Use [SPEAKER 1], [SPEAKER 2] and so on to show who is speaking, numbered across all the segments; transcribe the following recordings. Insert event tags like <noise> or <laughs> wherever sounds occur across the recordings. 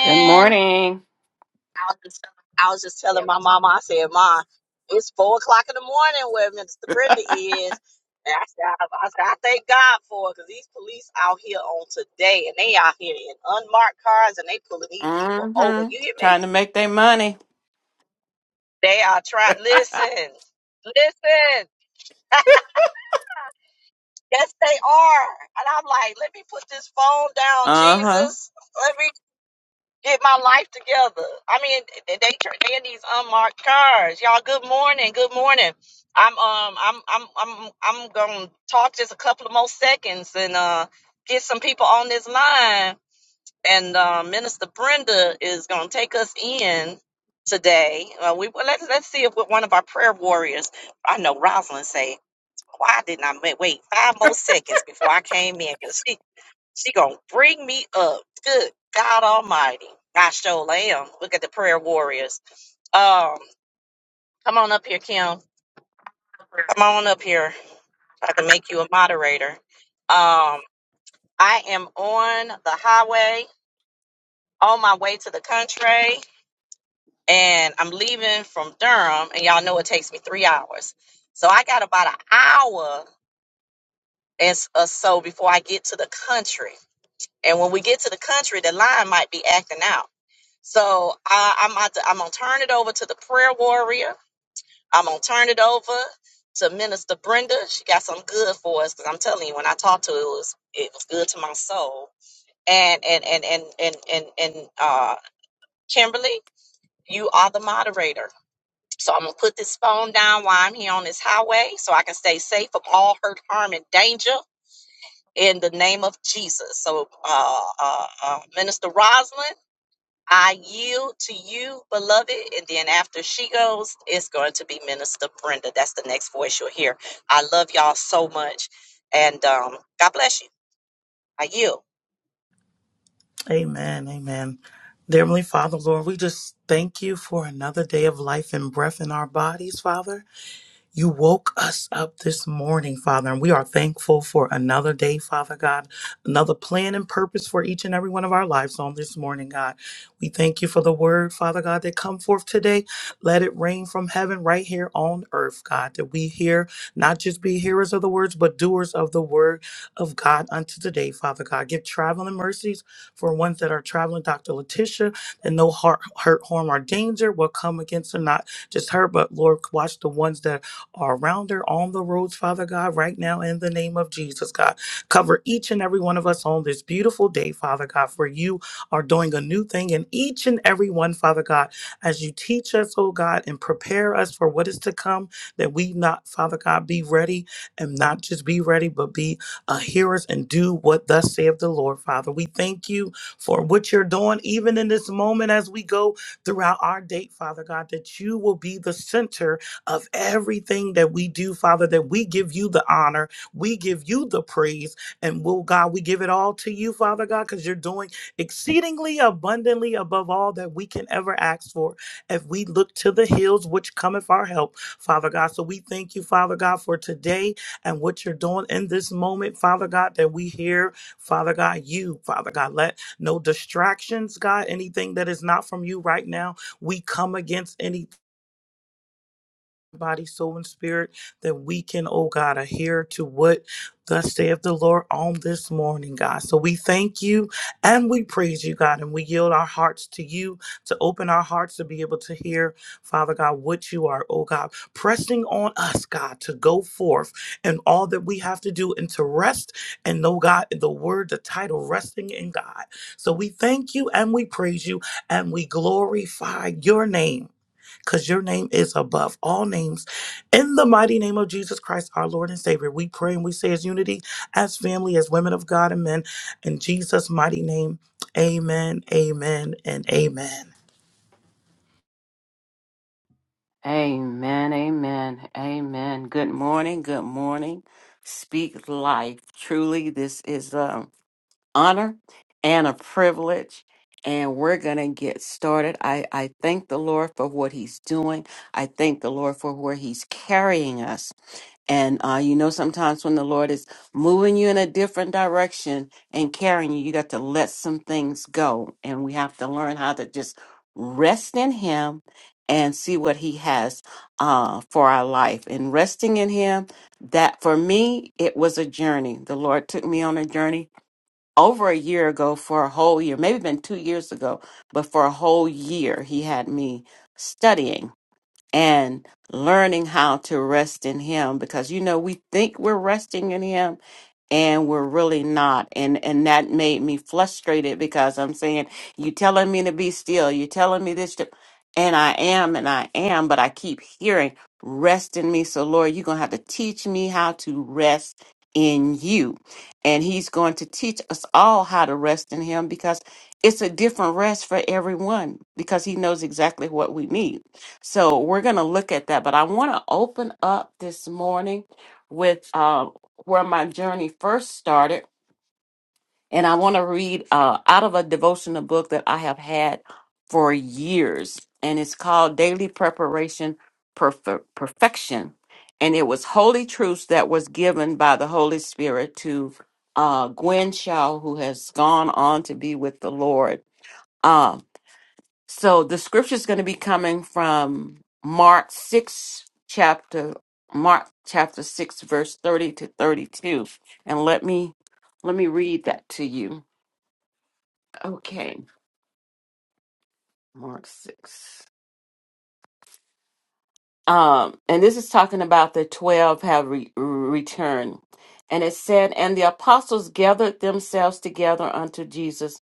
[SPEAKER 1] Good morning.
[SPEAKER 2] I was just telling my mama, I said, Ma, it's four o'clock in the morning where Minister Brenda is. And I said, I, I said, I thank God for it because these police out here on today and they out here in unmarked cars and they pulling these people over.
[SPEAKER 1] Mm-hmm.
[SPEAKER 2] You hear me?
[SPEAKER 1] Trying to make their money.
[SPEAKER 2] They are
[SPEAKER 1] <laughs>
[SPEAKER 2] trying, listen, listen. <laughs> Yes, they are. And I'm like, let me put this phone down,
[SPEAKER 1] uh-huh.
[SPEAKER 2] Jesus. Let me." get my life together. I mean, they they in these unmarked cars. Y'all, good morning, good morning. I'm um I'm I'm I'm I'm gonna talk just a couple of more seconds and uh get some people on this line. And uh, Minister Brenda is gonna take us in today. Uh, we well, let's let's see if we're one of our prayer warriors. I know Rosalind say. Why didn't I ma- wait five more seconds before I came in? 'Cause she she gonna bring me up. Good God Almighty. I sure am. Look at the prayer warriors. Um, come on up here, Kim. Come on up here. so I can make you a moderator. Um, I am on the highway on my way to the country, and I'm leaving from Durham, and y'all know it takes me three hours. So I got about an hour and s- or so before I get to the country. And when we get to the country, the line might be acting out. So I, I'm about to, I'm gonna turn it over to the prayer warrior. I'm gonna turn it over to Minister Brenda. She got some good for us because I'm telling you, when I talked to her, it was it was good to my soul. And and and and and and, and uh, Kimberly, you are the moderator. So I'm gonna put this phone down while I'm here on this highway, so I can stay safe from all hurt, harm, and danger in the name of Jesus. So, uh, uh, uh, Minister Roslyn. I yield to you, beloved. And then after she goes, it's going to be Minister Brenda. That's the next voice you'll hear. I love y'all so much. And um, God bless you. I yield.
[SPEAKER 3] Amen. Amen. Dear Heavenly Father, Lord, we just thank you for another day of life and breath in our bodies, Father. You woke us up this morning, Father, and we are thankful for another day, Father God, another plan and purpose for each and every one of our lives on this morning, God. We thank you for the word, Father God, that come forth today. Let it rain from heaven right here on earth, God, that we hear, not just be hearers of the words, but doers of the word of God unto today, Father God. Give traveling mercies for ones that are traveling, Dr. Letitia, that no heart, hurt, harm, or danger will come against them, not just her, but Lord, watch the ones that are around there on the roads, Father God, right now in the name of Jesus, God. Cover each and every one of us on this beautiful day, Father God, for you are doing a new thing in each and every one, Father God, as you teach us, oh God, and prepare us for what is to come, that we not, Father God, be ready and not just be ready, but be uh, hearers and do what thus saith the Lord, Father. We thank you for what you're doing, even in this moment as we go throughout our day, Father God, that you will be the center of everything that we do, Father, that we give you the honor, we give you the praise, and will God, we give it all to you, Father God, because you're doing exceedingly abundantly above all that we can ever ask for. If we look to the hills, which cometh our help, Father God. So we thank you, Father God, for today and what you're doing in this moment, Father God, that we hear, Father God, you, Father God, let no distractions, God, anything that is not from you right now. We come against any body, soul, and spirit, that we can, oh God, adhere to what thus saith the Lord on this morning, God. So we thank you and we praise you, God, and we yield our hearts to you to open our hearts to be able to hear, Father God, what you are, oh God, pressing on us, God, to go forth and all that we have to do and to rest and know, God, the word, the title, resting in God. So we thank you and we praise you and we glorify your name because your name is above all names. In the mighty name of Jesus Christ, our Lord and Savior, we pray and we say as unity, as family, as women of God and men, in Jesus' mighty name, amen, amen, and amen.
[SPEAKER 1] Amen. Amen. Amen. Good morning. Good morning. Speak life. Truly, this is an honor and a privilege. And we're gonna get started. I, I thank the Lord for what He's doing. I thank the Lord for where He's carrying us. And uh, you know, sometimes when the Lord is moving you in a different direction and carrying you, you got to let some things go. And we have to learn how to just rest in Him and see what He has uh, for our life. And resting in Him, that for me, it was a journey. The Lord took me on a journey over a year ago for a whole year, maybe been two years ago, but for a whole year, He had me studying and learning how to rest in him because you know we think we're resting in him and we're really not and and that made me frustrated because i'm saying you telling me to be still you telling me this to, and i am and i am but i keep hearing rest in me so lord you're going to have to teach me how to rest in you and he's going to teach us all how to rest in him because it's a different rest for everyone because he knows exactly what we need so we're going to look at that. But I want to open up this morning with uh, where my journey first started. And I want to read uh, out of a devotional book that I have had for years. And it's called Daily Preparation Perf- Perfection. And it was Holy Truths that was given by the Holy Spirit to uh, Gwen Shaw, who has gone on to be with the Lord. Uh, so the scripture is going to be coming from Mark 6 chapter Mark chapter 6 verse 30 to 32. And let me let me read that to you. Okay. Mark 6. Um and this is talking about the 12 have re- returned. And it said and the apostles gathered themselves together unto Jesus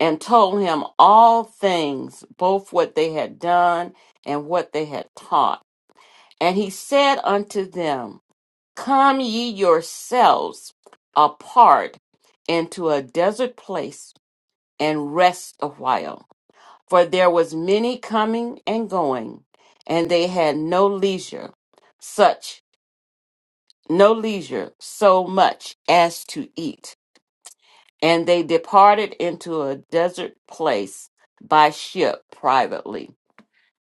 [SPEAKER 1] and told him all things both what they had done and what they had taught. And he said unto them, Come ye yourselves apart into a desert place and rest a while. For there was many coming and going, and they had no leisure, such no leisure so much as to eat. And they departed into a desert place by ship privately.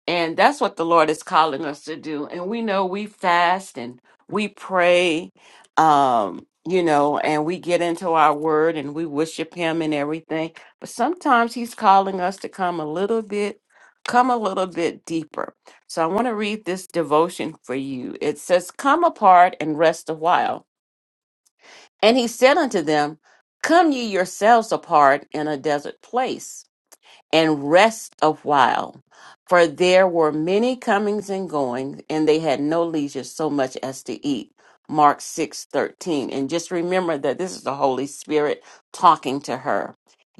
[SPEAKER 1] And that's what the Lord is calling us to do. And we know we fast and we pray, um, you know, and we get into our word and we worship Him and everything. But sometimes He's calling us to come a little bit, come a little bit deeper. So I want to read this devotion for you. It says, Come apart and rest a while. And He said unto them, Come ye yourselves apart in a desert place and rest a while. For there were many comings and goings, and they had no leisure so much as to eat. Mark six thirteen. And just remember that this is the Holy Spirit talking to her.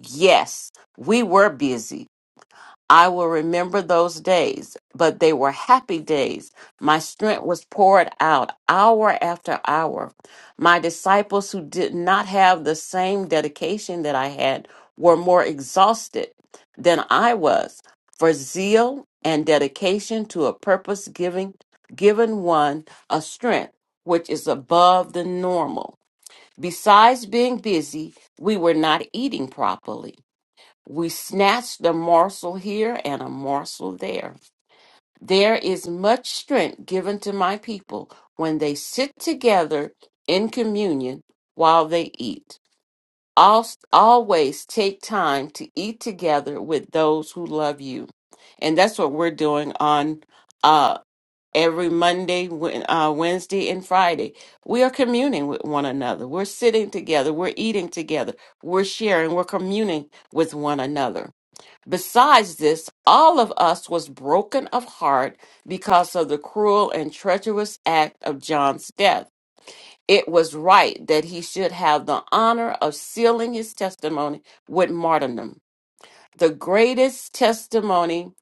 [SPEAKER 1] Yes, we were busy I will remember those days, but they were happy days. My strength was poured out hour after hour. My disciples who did not have the same dedication that I had were more exhausted than I was. For zeal and dedication to a purpose giving given one a strength which is above the normal. Besides being busy, we were not eating properly. We snatched a morsel here and a morsel there. There is much strength given to my people when they sit together in communion while they eat. Al- Always take time to eat together with those who love you. And that's what we're doing on uh, every Monday, Wed- uh, Wednesday, and Friday. We are communing with one another. We're sitting together. We're eating together. We're sharing. We're communing with one another Besides this, all of us was broken of heart because of the cruel and treacherous act of John's death. It was right that he should have the honor of sealing his testimony with martyrdom. The greatest testimony,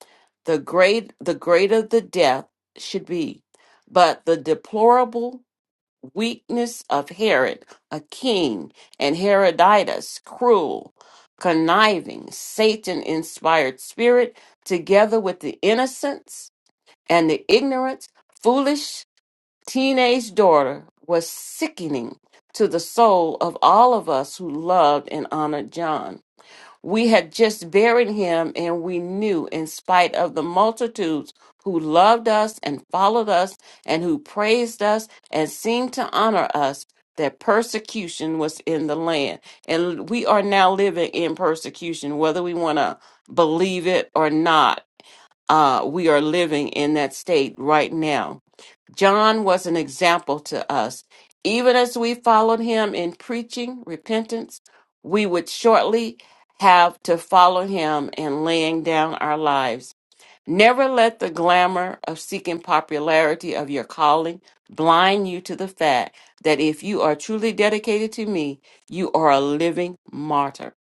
[SPEAKER 1] the great the greater the death should be. But the deplorable weakness of Herod, a king, and Herodias, cruel, conniving, Satan inspired spirit, together with the innocence and the ignorant, foolish teenage daughter, was sickening to the soul of all of us who loved and honored John. We had just buried him, and we knew, in spite of the multitudes who loved us and followed us and who praised us and seemed to honor us, that persecution was in the land. And we are now living in persecution, whether we want to believe it or not. Uh, we are living in that state right now John was an example to us. Even as we followed him in preaching repentance, we would shortly have to follow him in laying down our lives. Never let the glamour of seeking popularity of your calling blind you to the fact that if you are truly dedicated to me, you are a living martyr.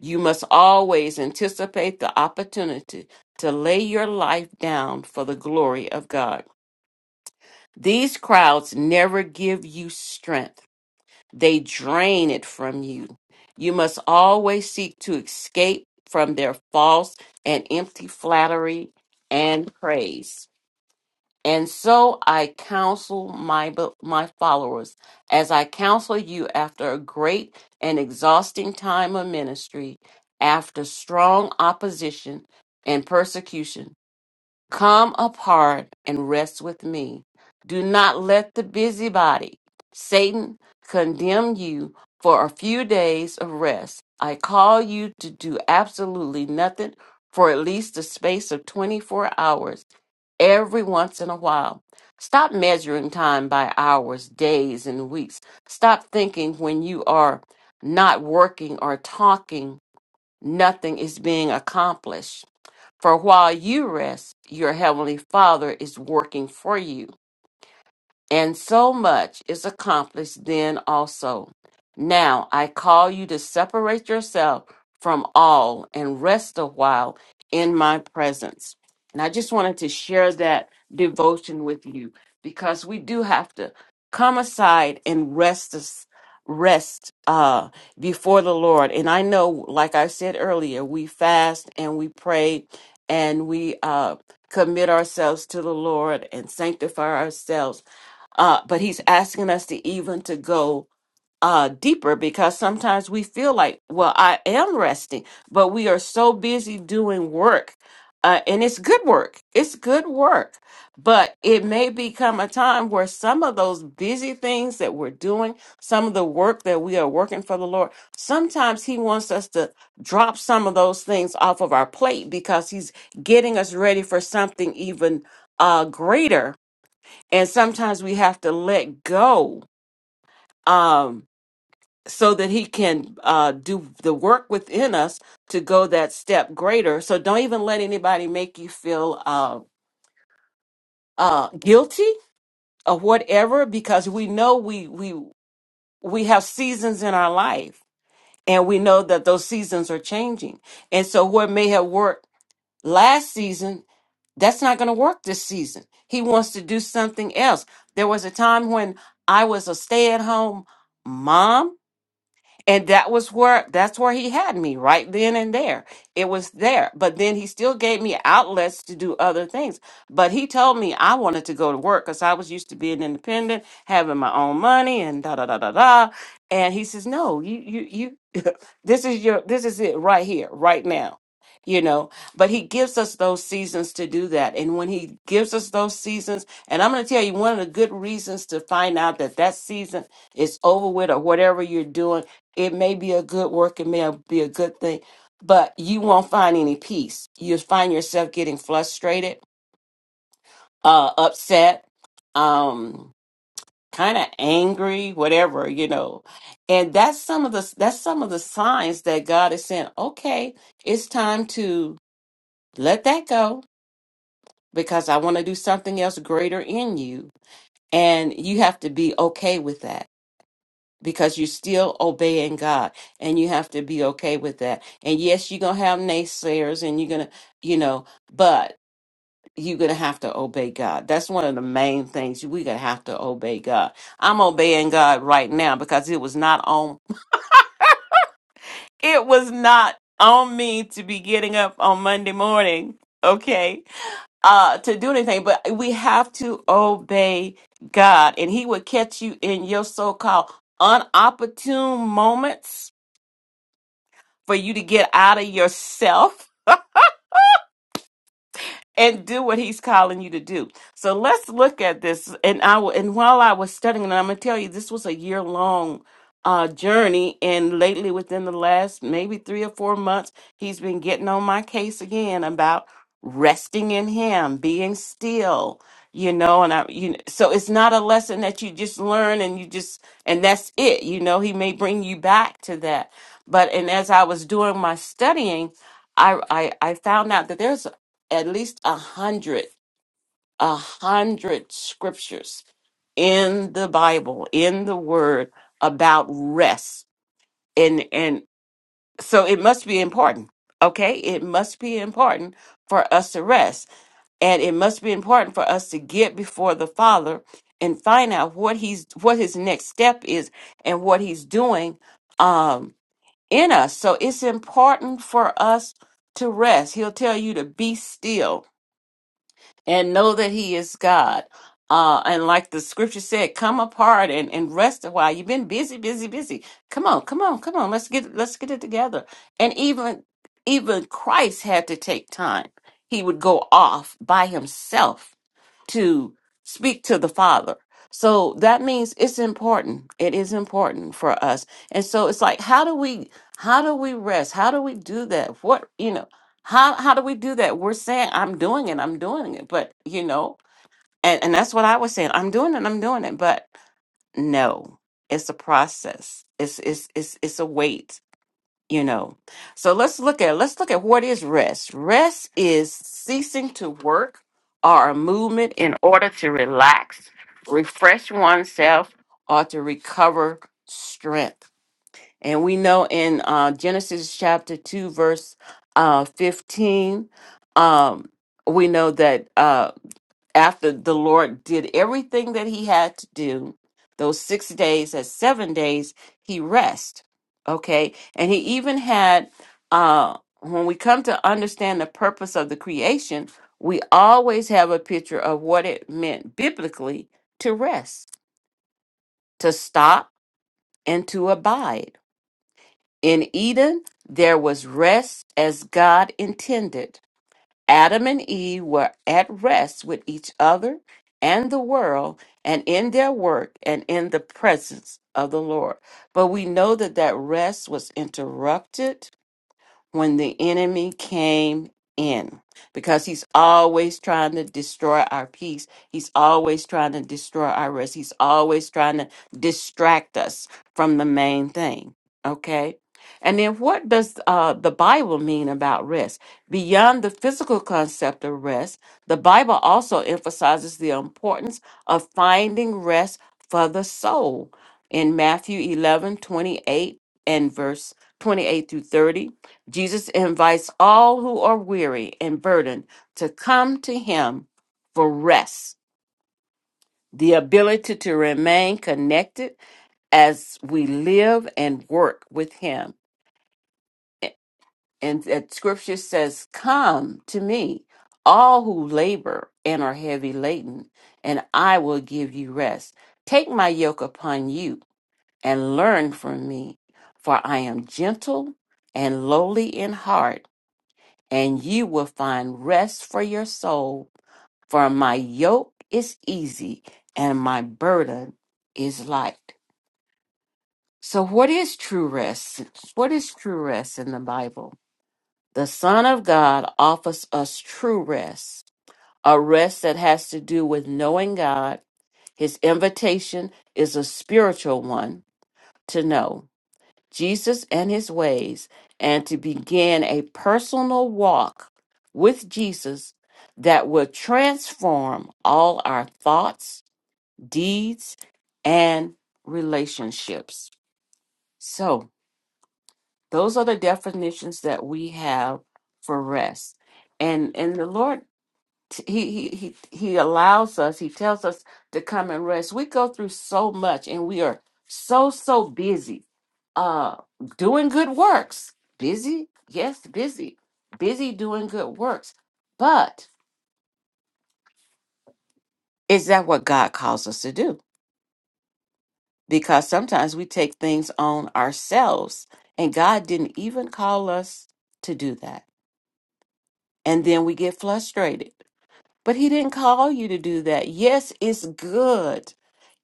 [SPEAKER 1] You must always anticipate the opportunity to lay your life down for the glory of God. These crowds never give you strength, they drain it from you. You must always seek to escape from their false and empty flattery and praise. And so I counsel my, my followers, as I counsel you after a great and exhausting time of ministry, after strong opposition and persecution Come apart and rest with me. Do not let the busybody, Satan, condemn you for a few days of rest. I call you to do absolutely nothing for at least the space of 24 hours every once in a while. Stop measuring time by hours, days, and weeks. Stop thinking when you are not working or talking, nothing is being accomplished. For while you rest, your heavenly Father is working for you. And so much is accomplished then also. Now I call you to separate yourself from all and rest a while in my presence. And I just wanted to share that devotion with you because we do have to come aside and rest us- rest uh before the Lord. And I know like I said earlier, we fast and we pray and we uh commit ourselves to the Lord and sanctify ourselves uh, but he's asking us to even to go uh, deeper because sometimes we feel like, well, I am resting, but we are so busy doing work, uh, and it's good work. It's good work, but it may become a time where some of those busy things that we're doing, some of the work that we are working for the Lord, sometimes He wants us to drop some of those things off of our plate because He's getting us ready for something even uh, greater and sometimes we have to let go um so that he can uh do the work within us to go that step greater so don't even let anybody make you feel uh uh guilty or whatever because we know we we we have seasons in our life and we know that those seasons are changing and so what may have worked last season That's not going to work this season. He wants to do something else. There was a time when I was a stay at home mom and that was where that's where he had me right then and there it was there but then he still gave me outlets to do other things but he told me i wanted to go to work because i was used to being independent having my own money and da da da da da and he says no you you you <laughs> this is your this is it right here right now you know but he gives us those seasons to do that and when he gives us those seasons and i'm going to tell you one of the good reasons to find out that that season is over with or whatever you're doing it may be a good work, it may be a good thing, but you won't find any peace. You'll find yourself getting frustrated, uh, upset, um, kind of angry, whatever, you know. And that's some of the that's some of the signs that God is saying, okay, it's time to let that go because I want to do something else greater in you. And you have to be okay with that because you're still obeying God and you have to be okay with that. And yes, you're going to have naysayers and you're going to, you know, but you're going to have to obey God. That's one of the main things. We're going to have to obey God. I'm obeying God right now because it was not on, <laughs> it was not on me to be getting up on Monday morning. Okay. Uh, to do anything, but we have to obey God and he will catch you in your so-called unopportune moments for you to get out of yourself and do what he's calling you to do. So let's look at this. And I w- and while I was studying, and I'm gonna tell you, this was a year long uh, journey. And lately, within the last maybe three or four months, he's been getting on my case again about resting in Him, being still. You know, and I you know, so it's not a lesson that you just learn and you just and that's it. You know, he may bring you back to that. But and as I was doing my studying, I I, I found out that there's at least a hundred, a hundred scriptures in the Bible, in the Word about rest, and and so it must be important. Okay, it must be important for us to rest, and it must be important for us to get before the Father and find out what he's what his next step is and what he's doing um in us so it's important for us to rest he'll tell you to be still and know that he is God. Uh, and like the scripture said, come apart and, and rest a while. You've been busy, busy, busy. Come on, come on, come on. Let's get let's get it together. And even even Christ had to take time. He would go off by himself to speak to the Father. So that means it's important. It is important for us. And so it's like how do we how do we rest? How do we do that? What, you know, how how do we do that? We're saying I'm doing it, I'm doing it, but you know, and and that's what I was saying. I'm doing it, I'm doing it, but no. It's a process. It's it's it's it's a wait you know so let's look at let's look at what is rest rest is ceasing to work or a movement in order to relax refresh oneself or to recover strength and we know in uh, genesis chapter 2 verse uh, 15 um, we know that uh, after the Lord did everything that he had to do, those six days as seven days, he rest. Okay. And he even had, uh, when we come to understand the purpose of the creation, we always have a picture of what it meant biblically to rest, to stop, and to abide. In Eden, there was rest as God intended. Adam and Eve were at rest with each other and the world and in their work and in the presence of the Lord. But we know that that rest was interrupted when the enemy came in because he's always trying to destroy our peace. He's always trying to destroy our rest. He's always trying to distract us from the main thing. Okay? And then what does uh, the Bible mean about rest? Beyond the physical concept of rest, the Bible also emphasizes the importance of finding rest for the soul in Matthew 11 28 and verse 28 through 30 Jesus invites all who are weary and burdened to come to him for rest, the ability to remain connected as we live and work with him. And that scripture says, Come to me, all who labor and are heavy laden, and I will give you rest. Take my yoke upon you and learn from me, for I am gentle and lowly in heart and you will find rest for your soul. For my yoke is easy and my burden is light. So, what is true rest? What is true rest in the Bible? The Son of God offers us true rest, a rest that has to do with knowing God. His invitation is a spiritual one to know. Jesus and his ways and to begin a personal walk with Jesus that will transform all our thoughts, deeds, and relationships. So, those are the definitions that we have for rest. And and the Lord t- he, he he he allows us he tells us to come and rest we go through so much and we are so so busy uh doing good works busy yes busy busy doing good works but is that what god calls us to do because sometimes we take things on ourselves and god didn't even call us to do that and then we get frustrated But he didn't call you to do that. Yes, it's good.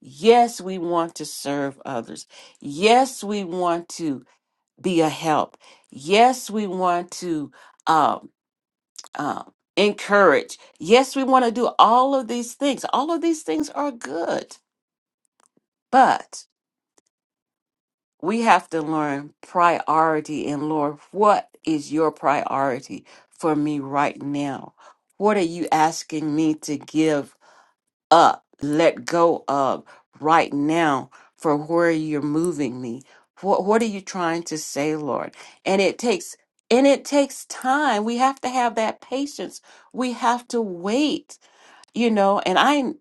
[SPEAKER 1] Yes, we want to serve others. Yes, we want to be a help. Yes, we want to um, um, encourage. Yes, we want to do all of these things. All of these things are good. But we have to learn priority and Lord, what is your priority for me right now? What are you asking me to give up, let go of right now for where you're moving me. What what are you trying to say, Lord? And it takes and it takes time. We have to have that patience. We have to wait you know and i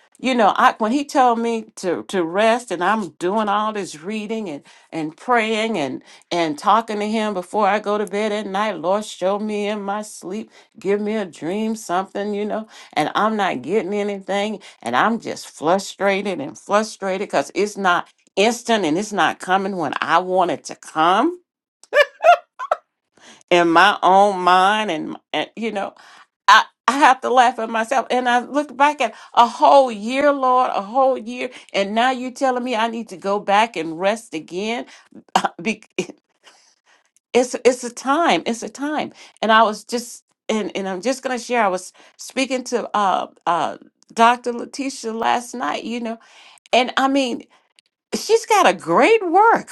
[SPEAKER 1] <laughs> you know i when he told me to to rest and i'm doing all this reading and and praying and and talking to him before i go to bed at night lord show me in my sleep give me a dream something you know and i'm not getting anything and i'm just frustrated and frustrated because it's not instant and it's not coming when i want it to come in my own mind and, and you know I, I have to laugh at myself. And I looked back at a whole year, Lord, a whole year. And now you're telling me I need to go back and rest again. <laughs> Be- It's, it's a time. It's a time. And I was just, and, and I'm just going to share, I was speaking to uh, uh, Dr. Letitia last night, you know, and I mean, she's got a great work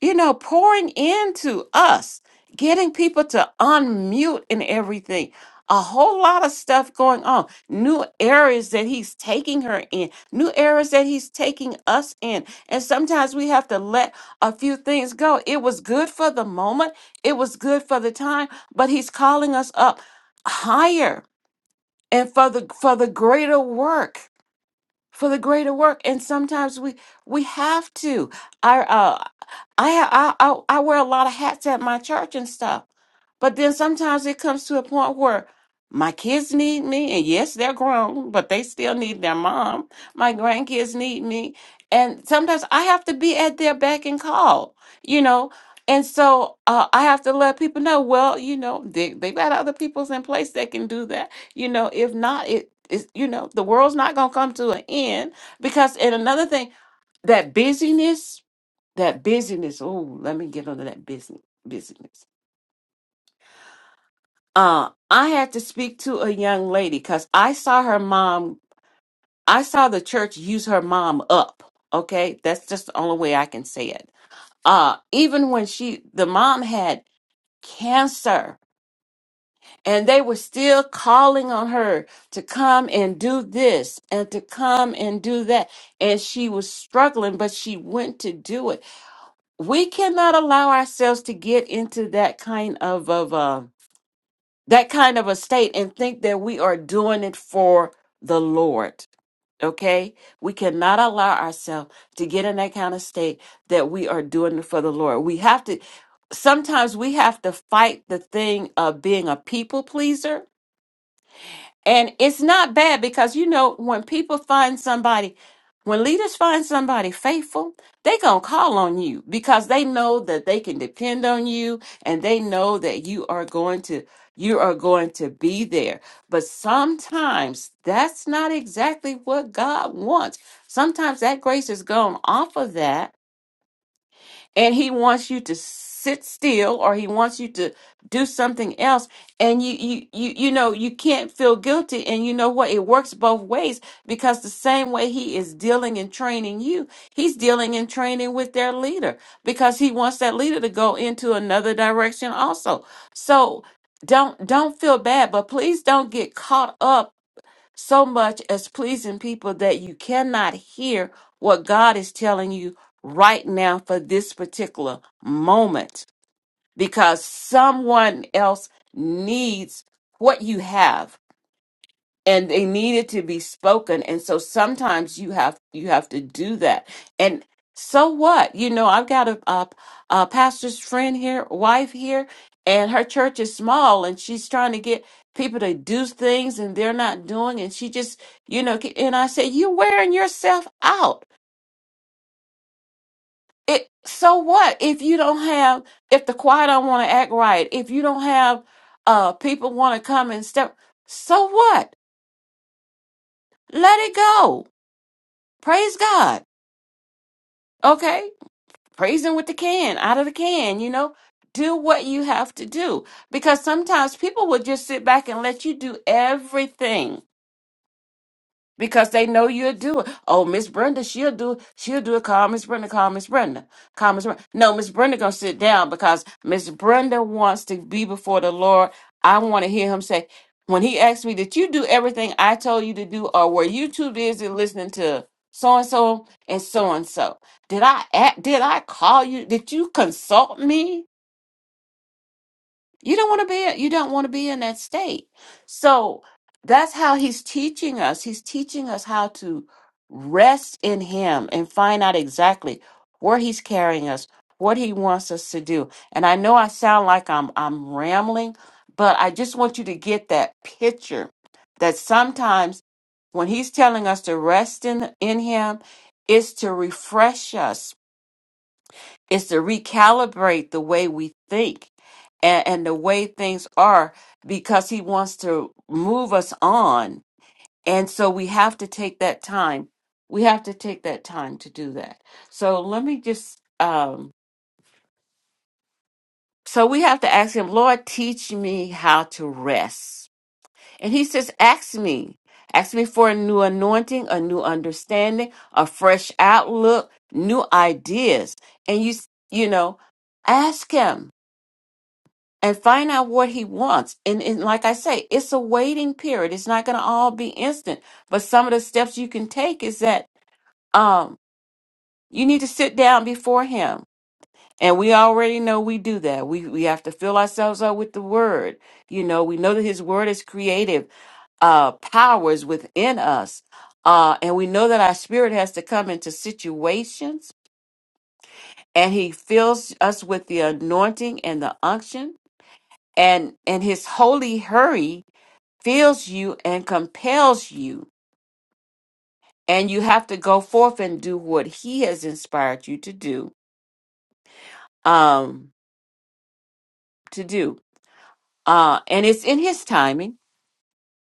[SPEAKER 1] you know, pouring into us, getting people to unmute and everything. A whole lot of stuff going on. New areas that he's taking her in, new areas that he's taking us in. And sometimes we have to let a few things go. It was good for the moment, it was good for the time, but he's calling us up higher and for the for the greater work for the greater work and sometimes we we have to i uh i i i, I wear a lot of hats at my church and stuff but then sometimes it comes to a point where my kids need me and yes they're grown but they still need their mom my grandkids need me and sometimes i have to be at their beck and call you know and so uh, i have to let people know well you know they, they got other people's in place that can do that you know if not it is you know the world's not going to come to an end because and another thing that busyness that busyness oh let me get onto that business busyness uh i had to speak to a young lady because i saw her mom i saw the church use her mom up okay that's just the only way i can say it uh even when she the mom had cancer And they were still calling on her to come and do this and to come and do that. And she was struggling, but she went to do it. We cannot allow ourselves to get into that kind of, of uh, that kind of a state and think that we are doing it for the Lord. Okay? We cannot allow ourselves to get in that kind of state that we are doing it for the Lord. We have to sometimes we have to fight the thing of being a people pleaser and it's not bad because you know when people find somebody, when leaders find somebody faithful, they gonna call on you because they know that they can depend on you and they know that you are going to you are going to be there. But sometimes that's not exactly what God wants. Sometimes that grace is gone off of that and he wants you to sit still or he wants you to do something else and you you you you know you can't feel guilty and you know what it works both ways because the same way he is dealing and training you he's dealing and training with their leader because he wants that leader to go into another direction also so don't don't feel bad but please don't get caught up so much as pleasing people that you cannot hear what God is telling you right now for this particular moment because someone else needs what you have and they needed to be spoken and so sometimes you have you have to do that and so what you know i've got a, a, a pastor's friend here wife here and her church is small and she's trying to get people to do things and they're not doing and she just you know ke- and i said you're wearing yourself out it so what if you don't have if the choir don't want to act right if you don't have uh people want to come and step so what let it go praise god Okay, praise him with the can, out of the can, you know. Do what you have to do because sometimes people will just sit back and let you do everything because they know you'll do it. Oh, Miss Brenda, she'll do it. She'll do it. Call Miss Brenda. Call Miss Brenda. Call Miss Brenda. No, Miss Brenda gonna sit down because Miss Brenda wants to be before the Lord. I want to hear him say, when he asked me, did you do everything I told you to do, or were you too busy listening to so and so and so and so? Did I act? Did I call you? Did you consult me? You don't want to be you don't want to be in that state. So that's how he's teaching us. He's teaching us how to rest in him and find out exactly where he's carrying us, what he wants us to do. And I know I sound like I'm I'm rambling, but I just want you to get that picture that sometimes when he's telling us to rest in in him it's to refresh us is to recalibrate the way we think and, and the way things are because he wants to move us on and so we have to take that time we have to take that time to do that so let me just um so we have to ask him lord teach me how to rest and he says ask me ask me for a new anointing a new understanding a fresh outlook new ideas and you you know ask him and find out what he wants. And, and like I say, it's a waiting period. It's not going to all be instant. But some of the steps you can take is that um, you need to sit down before him. And we already know we do that. We we have to fill ourselves up with the word. You know, we know that his word is creative uh, powers within us. Uh, and we know that our spirit has to come into situations and he fills us with the anointing and the unction and and his holy hurry fills you and compels you and you have to go forth and do what he has inspired you to do um to do uh and it's in his timing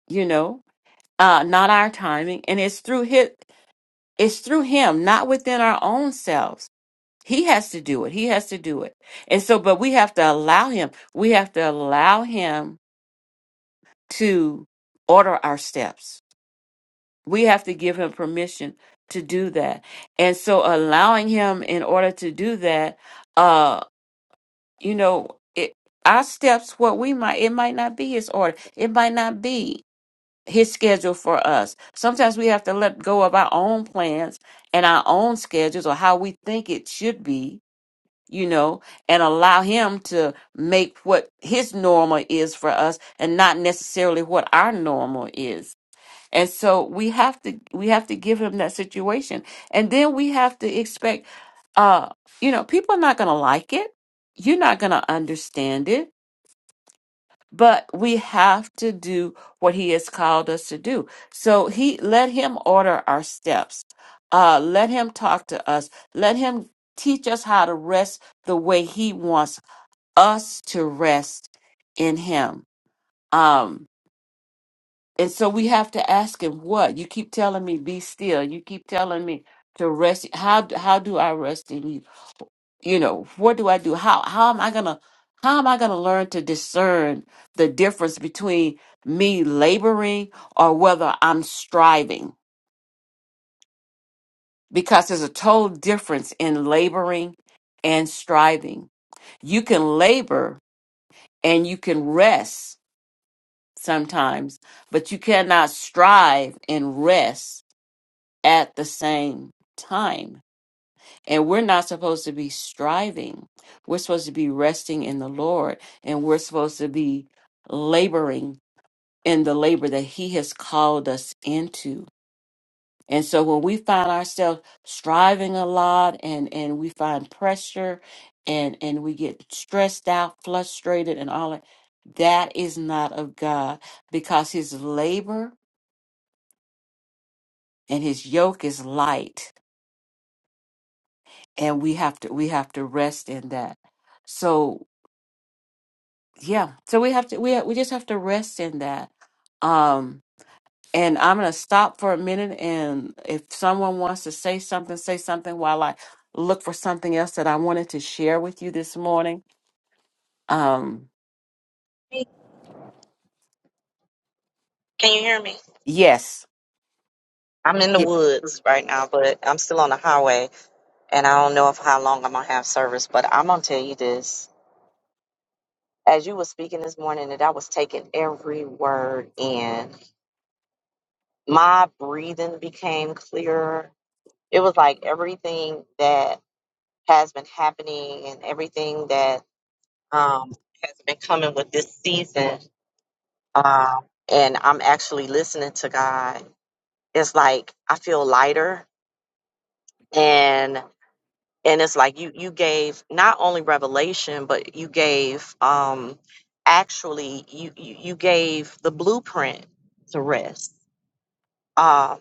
[SPEAKER 1] you know uh not our timing and it's through his it's through him not within our own selves he has to do it he has to do it and so but we have to allow him we have to allow him to order our steps We have to give him permission to do that. And so allowing him in order to do that, uh, you know, it, our steps, what we might, it might not be his order. It might not be his schedule for us. Sometimes we have to let go of our own plans and our own schedules or how we think it should be, you know, and allow him to make what his normal is for us and not necessarily what our normal is and so we have to we have to give him that situation. And then we have to expect uh you know, people are not going to like it. You're not going to understand it, but we have to do what he has called us to do. So he let him order our steps. Uh let him talk to us. Let him teach us how to rest the way he wants us to rest in him. Um And so we have to ask him what? You keep telling me be still. You keep telling me to rest. How how do I rest in you? You know, what do I do? How how am I going to how am I going to learn to discern the difference between me laboring or whether I'm striving? Because there's a total difference in laboring and striving. You can labor and you can rest sometimes, but you cannot strive and rest at the same time. And we're not supposed to be striving. We're supposed to be resting in the Lord and we're supposed to be laboring in the labor that He has called us into. And so when we find ourselves striving a lot and, and we find pressure and, and we get stressed out, frustrated, and all that, that is not of God because His labor and His yoke is light and we have to we have to rest in that so yeah so we have to we we just have to rest in that um and i'm going to stop for a minute and if someone wants to say something say something while i look for something else that i wanted to share with you this morning um
[SPEAKER 2] Can you hear me?
[SPEAKER 1] yes
[SPEAKER 2] I'm in the
[SPEAKER 1] Ye-
[SPEAKER 2] woods right now, but I'm still on the highway. And I don't know if how long I'm going to have service, but I'm going to tell you this. As you were speaking this morning, that I was taking every word in, my breathing became clearer. It was like everything that has been happening and everything that um, has been coming with this season. Um, and I'm actually listening to God. It's like I feel lighter, and and it's like you you gave not only revelation, but you gave um, actually you you, you gave the blueprint to rest. Um,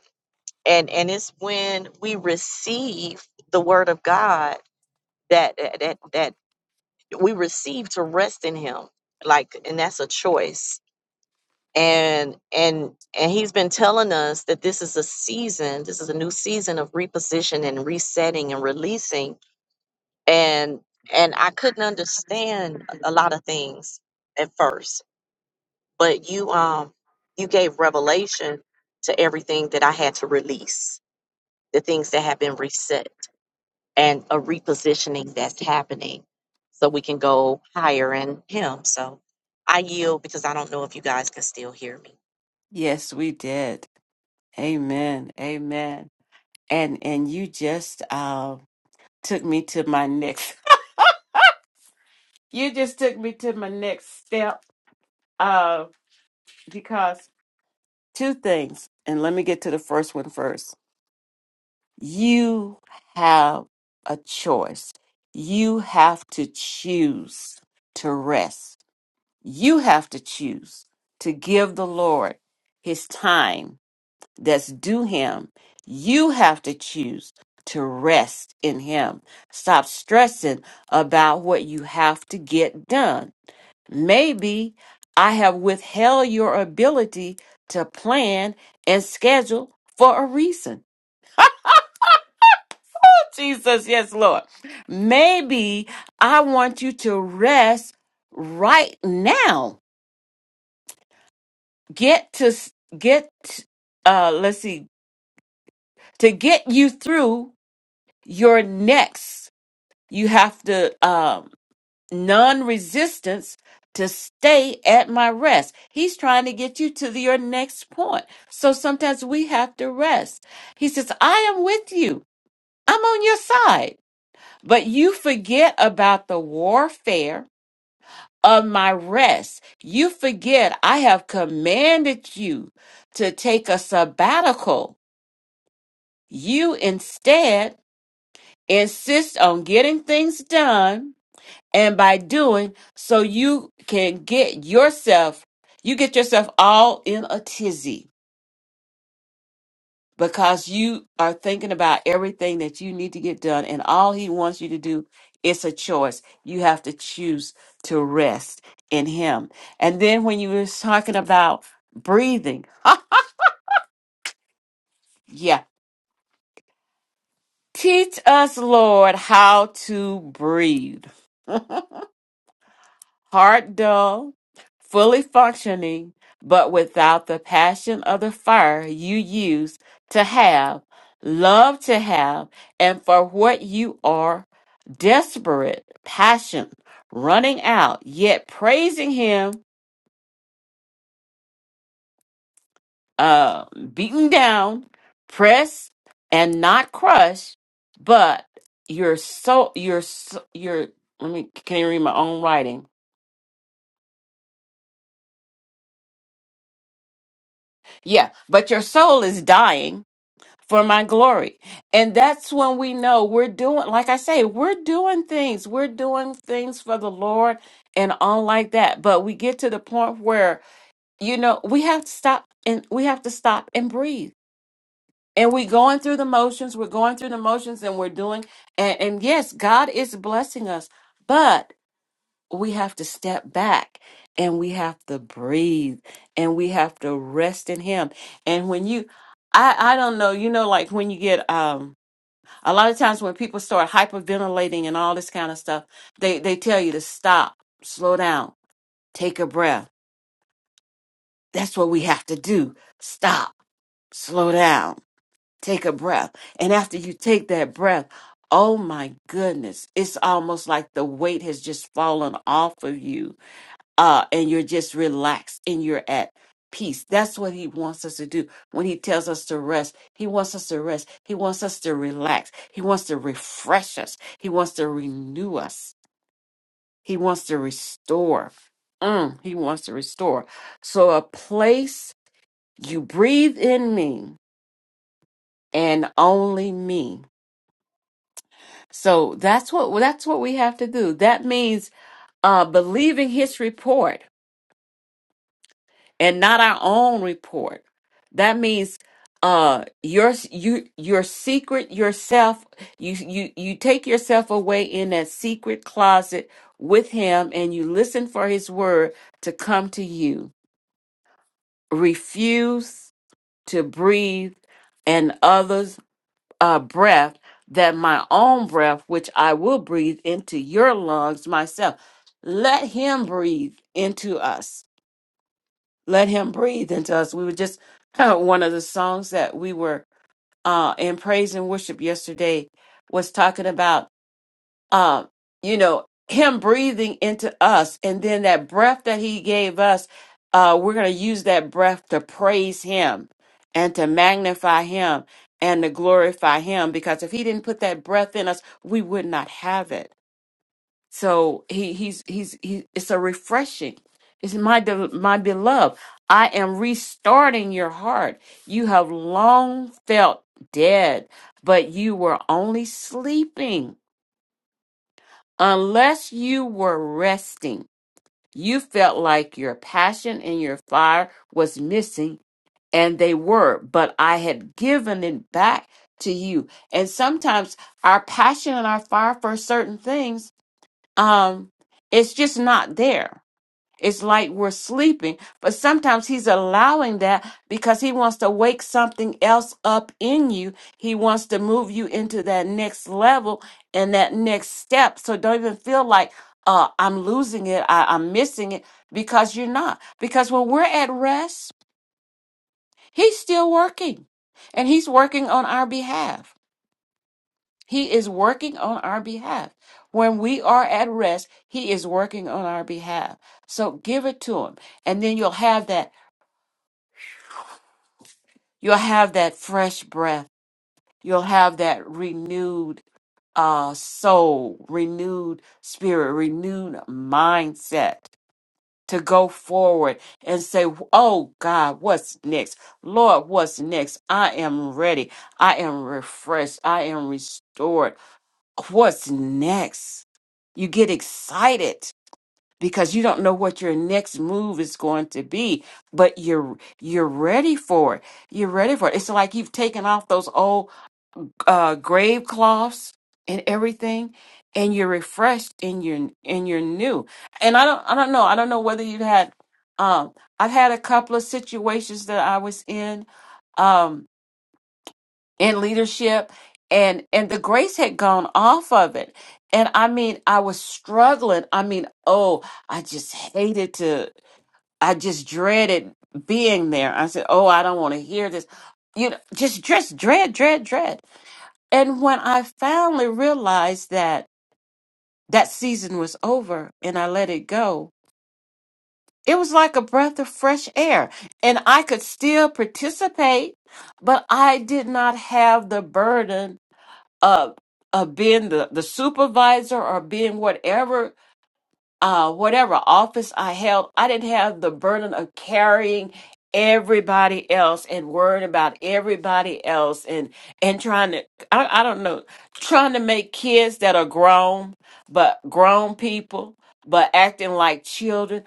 [SPEAKER 2] and and it's when we receive the word of God that that that we receive to rest in him like and that's a choice and and and he's been telling us that this is a season this is a new season of repositioning and resetting and releasing and and i couldn't understand a lot of things at first but you um you gave revelation to everything that i had to release the things that have been reset and a repositioning that's happening so we can go higher in him. So I yield because I don't know if you guys can still hear me.
[SPEAKER 1] yes we did amen amen and and you just uh took me to my next <laughs> you just took me to my next step uh because Two things, and let me get to the first one first. You have a choice. You have to choose to rest. You have to choose to give the Lord his time that's due him. You have to choose to rest in him. Stop stressing about what you have to get done Maybe I have withheld your ability to plan and schedule for a reason. <laughs> Jesus, yes, Lord. Maybe I want you to rest right now. Get to s- get uh let's see, to get you through your next. You have to um non resistance to stay at my rest. He's trying to get you to the- your next point. So sometimes we have to rest. He says, I am with you, I'm on your side. But you forget about the warfare of my rest. You forget I have commanded you to take a sabbatical. You instead insist on getting things done and by doing so you can get yourself you get yourself all in a tizzy because you are thinking about everything that you need to get done and all he wants you to do is a choice you have to choose to rest in him and then when you was talking about breathing <laughs> huh, yeah teach us lord how to breathe heart dull, fully functioning, but without the passion of the fire you used to have, love to have, and for what you are desperate, passion, running out, yet praising Him, uh, beaten down, pressed, and not crushed, but you're so, you're, so, you're, let me, can you read my own writing? Yeah, but your soul is dying for my glory. And that's when we know we're doing, like I say, we're doing things. We're doing things for the Lord and on like that. But we get to the point where, you know, we have to stop and we have to stop and breathe. And we're going through the motions, we're going through the motions and we're doing, and, and yes, God is blessing us, but we have to step back and we have to breathe and we have to rest in Him. And when you, I, I don't know, you know, like when you get, um, a lot of times when people start hyperventilating and all this kind of stuff, they, they tell you to stop, slow down, take a breath. That's what we have to do. Stop, slow down, take a breath. And after you take that breath, oh my goodness, it's almost like the weight has just fallen off of you uh, and you're just relaxed and you're at peace. That's what he wants us to do. When he tells us to rest, he wants us to rest. He wants us to relax. He wants to refresh us. He wants to renew us. He wants to restore. Mm, he wants to restore. So, a place you breathe in me and only me. So that's what that's what we have to do. That means uh, believing his report and not our own report. That means uh your you your secret yourself you you you take yourself away in that secret closet with him and you listen for his word to come to you refuse to breathe and others uh breath that my own breath which I will breathe into your lungs myself let him breathe into us let him breathe into us. We were just <laughs> one of the songs that we were uh in praise and worship yesterday was talking about um you know him breathing into us and then that breath that he gave us uh we're going to use that breath to praise him and to magnify him and to glorify him because if he didn't put that breath in us we would not have it so he he's he's he. It's a refreshing. It's my de- my beloved. I am restarting your heart. You have long felt dead, but you were only sleeping. Unless you were resting, you felt like your passion and your fire was missing, and they were. But I had given it back to you. And sometimes our passion and our fire for certain things um it's just not there it's like we're sleeping but sometimes he's allowing that because he wants to wake something else up in you he wants to move you into that next level and that next step so don't even feel like uh i'm losing it I, i'm missing it because you're not because when we're at rest he's still working and he's working on our behalf he is working on our behalf. When we are at rest, he is working on our behalf. So give it to him and then you'll have that you'll have that fresh breath. You'll have that renewed uh soul, renewed spirit, renewed mindset to go forward and say, "Oh God, what's next? Lord, what's next? I am ready. I am refreshed. I am restored." what's next. You get excited because you don't know what your next move is going to be, but you're you're ready for it. You're ready for it. It's like you've taken off those old uh, grave cloths and everything, and you're refreshed and you're and you're new. And I don't I don't know I don't know whether you've had um I've had a couple of situations that I was in. Um, in leadership and and the grace had gone off of it and i mean i was struggling i mean oh i just hated to i just dreaded being there i said oh i don't want to hear this you know just just dread dread dread and when i finally realized that that season was over and i let it go it was like a breath of fresh air and i could still participate but i did not have the burden of of being the, the supervisor or being whatever uh whatever office I held, I didn't have the burden of carrying everybody else and worrying about everybody else and and trying to I, I don't know trying to make kids that are grown but grown people but acting like children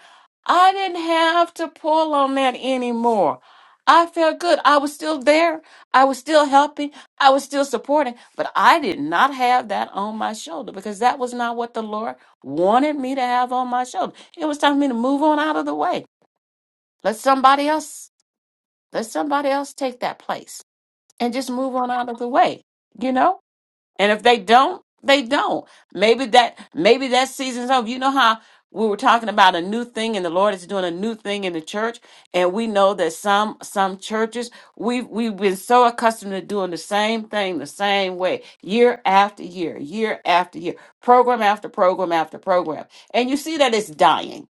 [SPEAKER 1] i didn't have to pull on that anymore i felt good i was still there i was still helping I was still supporting, but I did not have that on my shoulder because that was not what the Lord wanted me to have on my shoulder. It was time for me to move on out of the way. Let somebody else, let somebody else take that place and just move on out of the way, you know? And if they don't, they don't. Maybe that maybe that season's over. You know how we were talking about a new thing and the Lord is doing a new thing in the church and we know that some some churches we have we've been so accustomed to doing the same thing the same way year after year, year after year, program after program after program. And you see that it's dying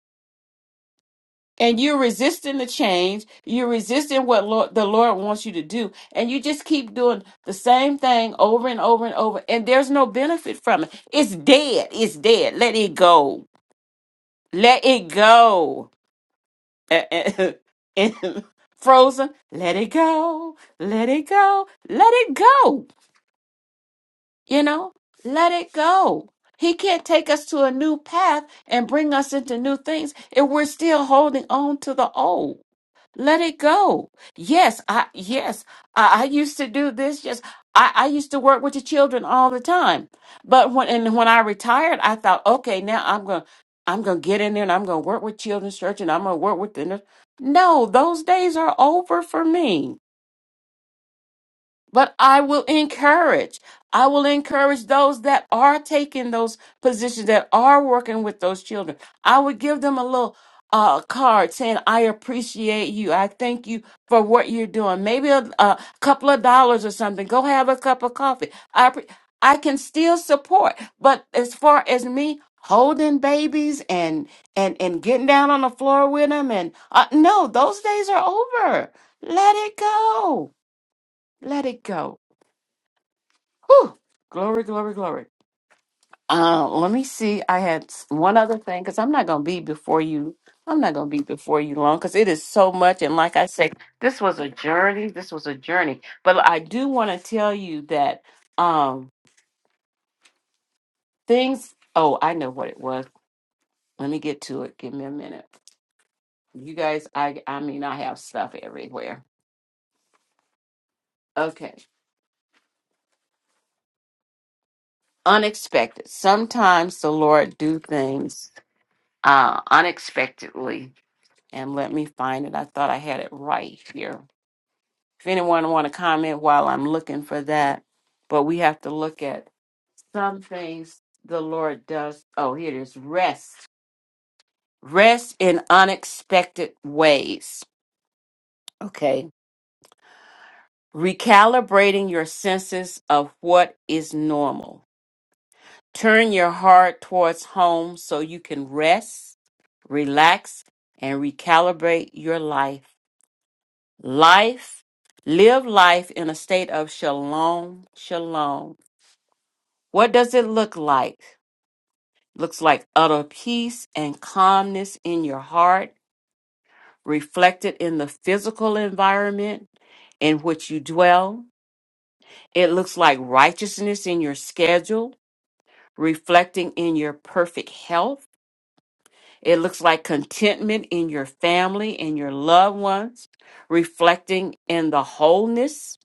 [SPEAKER 1] and you're resisting the change you're resisting what lord, the lord wants you to do and you just keep doing the same thing over and over and over and there's no benefit from it it's dead it's dead let it go let it go Eh, eh, <laughs> and frozen let it go let it go let it go you know let it go he can't take us to a new path and bring us into new things if we're still holding on to the old Let it go. Yes, I yes, I, I used to do this. Yes, I, I used to work with the children all the time. But when and when I retired, I thought, okay, now I'm gonna I'm gonna get in there and I'm gonna work with children's church and I'm gonna work with the no, those days are over for me. But I will encourage. I will encourage those that are taking those positions, that are working with those children. I would give them a little uh, card saying, I appreciate you. I thank you for what you're doing. Maybe a, a couple of dollars or something. Go have a cup of coffee. I, appre- I can still support. But as far as me holding babies and, and, and getting down on the floor with them, and uh, no, those days are over. Let it go. Let it go. Whew. Glory, glory, glory. Uh, let me see. I had s- one other thing because I'm not gonna be before you. I'm not gonna be before you long because it is so much. And like I said, this was a journey. This was a journey. But I do want to tell you that um things. Oh, I know what it was. Let me get to it. Give me a minute. You guys, I I mean, I have stuff everywhere. Okay. Unexpected. Sometimes the Lord do things uh unexpectedly and let me find it. I thought I had it right here. If anyone want to comment while I'm looking for that, but we have to look at some things the Lord does. Oh, here it is. Rest. Rest in unexpected ways. Okay. Recalibrating your senses of what is normal. Turn your heart towards home so you can rest, relax, and recalibrate your life Life, live life in a state of shalom, shalom. What does it look like? Looks like utter peace and calmness in your heart, reflected in the physical environment in which you dwell. It looks like righteousness in your schedule, reflecting in your perfect health. It looks like contentment in your family and your loved ones, reflecting in the wholeness,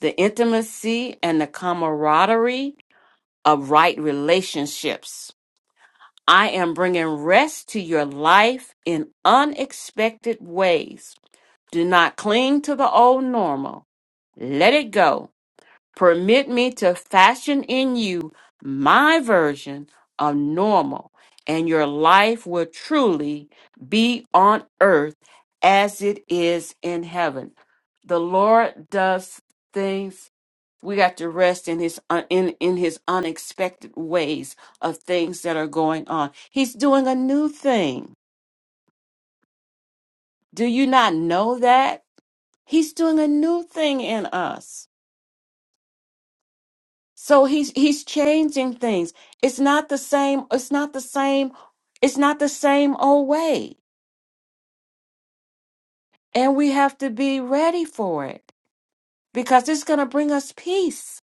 [SPEAKER 1] the intimacy, and the camaraderie of right relationships. I am bringing rest to your life in unexpected ways. Do not cling to the old normal. Let it go Permit me to fashion in you my version of normal, and your life will truly be on earth as it is in heaven. The Lord does things. We got to rest in his un- in in his unexpected ways of things that are going on. He's doing a new thing. Do you not know that? He's doing a new thing in us. So he's he's changing things. It's not the same, it's not the same, it's not the same old way. And we have to be ready for it because it's going to bring us peace.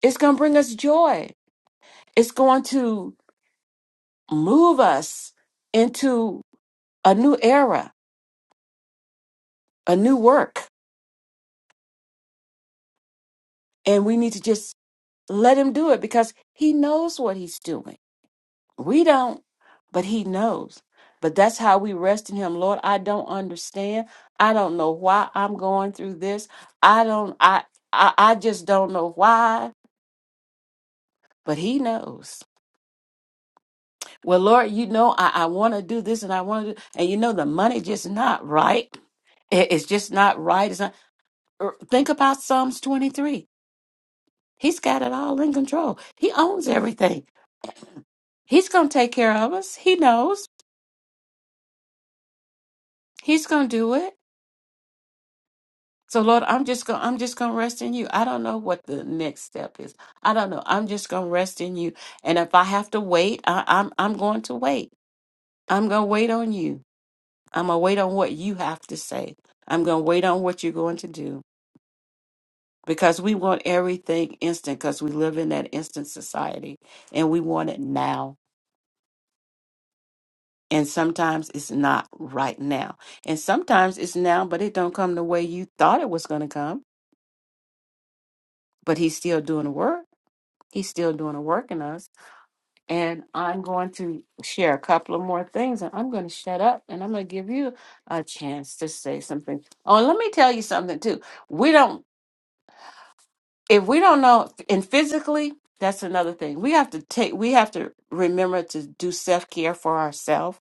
[SPEAKER 1] It's going to bring us joy. It's going to move us into a new era, a new work. And we need to just let him do it because he knows what he's doing. We don't, but He knows. But that's how we rest in Him. Lord, I don't understand. I don't know why I'm going through this. I don't, I, I, I just don't know why. But he knows. Well, Lord, you know I, I want to do this and I want to do, and you know the money just not right. It- it's just not right. It's not. er, Think about Psalms 23. He's got it all in control. He owns everything. He's gonna take care of us. He knows. He's gonna do it. So Lord, I'm just gonna I'm just gonna rest in you. I don't know what the next step is. I don't know. I'm just gonna rest in you. And if I have to wait, I, I'm I'm going to wait. I'm gonna wait on you. I'm gonna wait on what you have to say. I'm gonna wait on what you're going to do. Because we want everything instant because we live in that instant society and we want it now. And sometimes it's not right now. And sometimes it's now, but it don't come the way you thought it was gonna come. But he's still doing the work. He's still doing the work in us. And I'm going to share a couple of more things, and I'm going to shut up and I'm going to give you a chance to say something. Oh, and let me tell you something too. We don't, if we don't know, and physically, that's another thing. We have to take, we have to remember to do self care for ourselves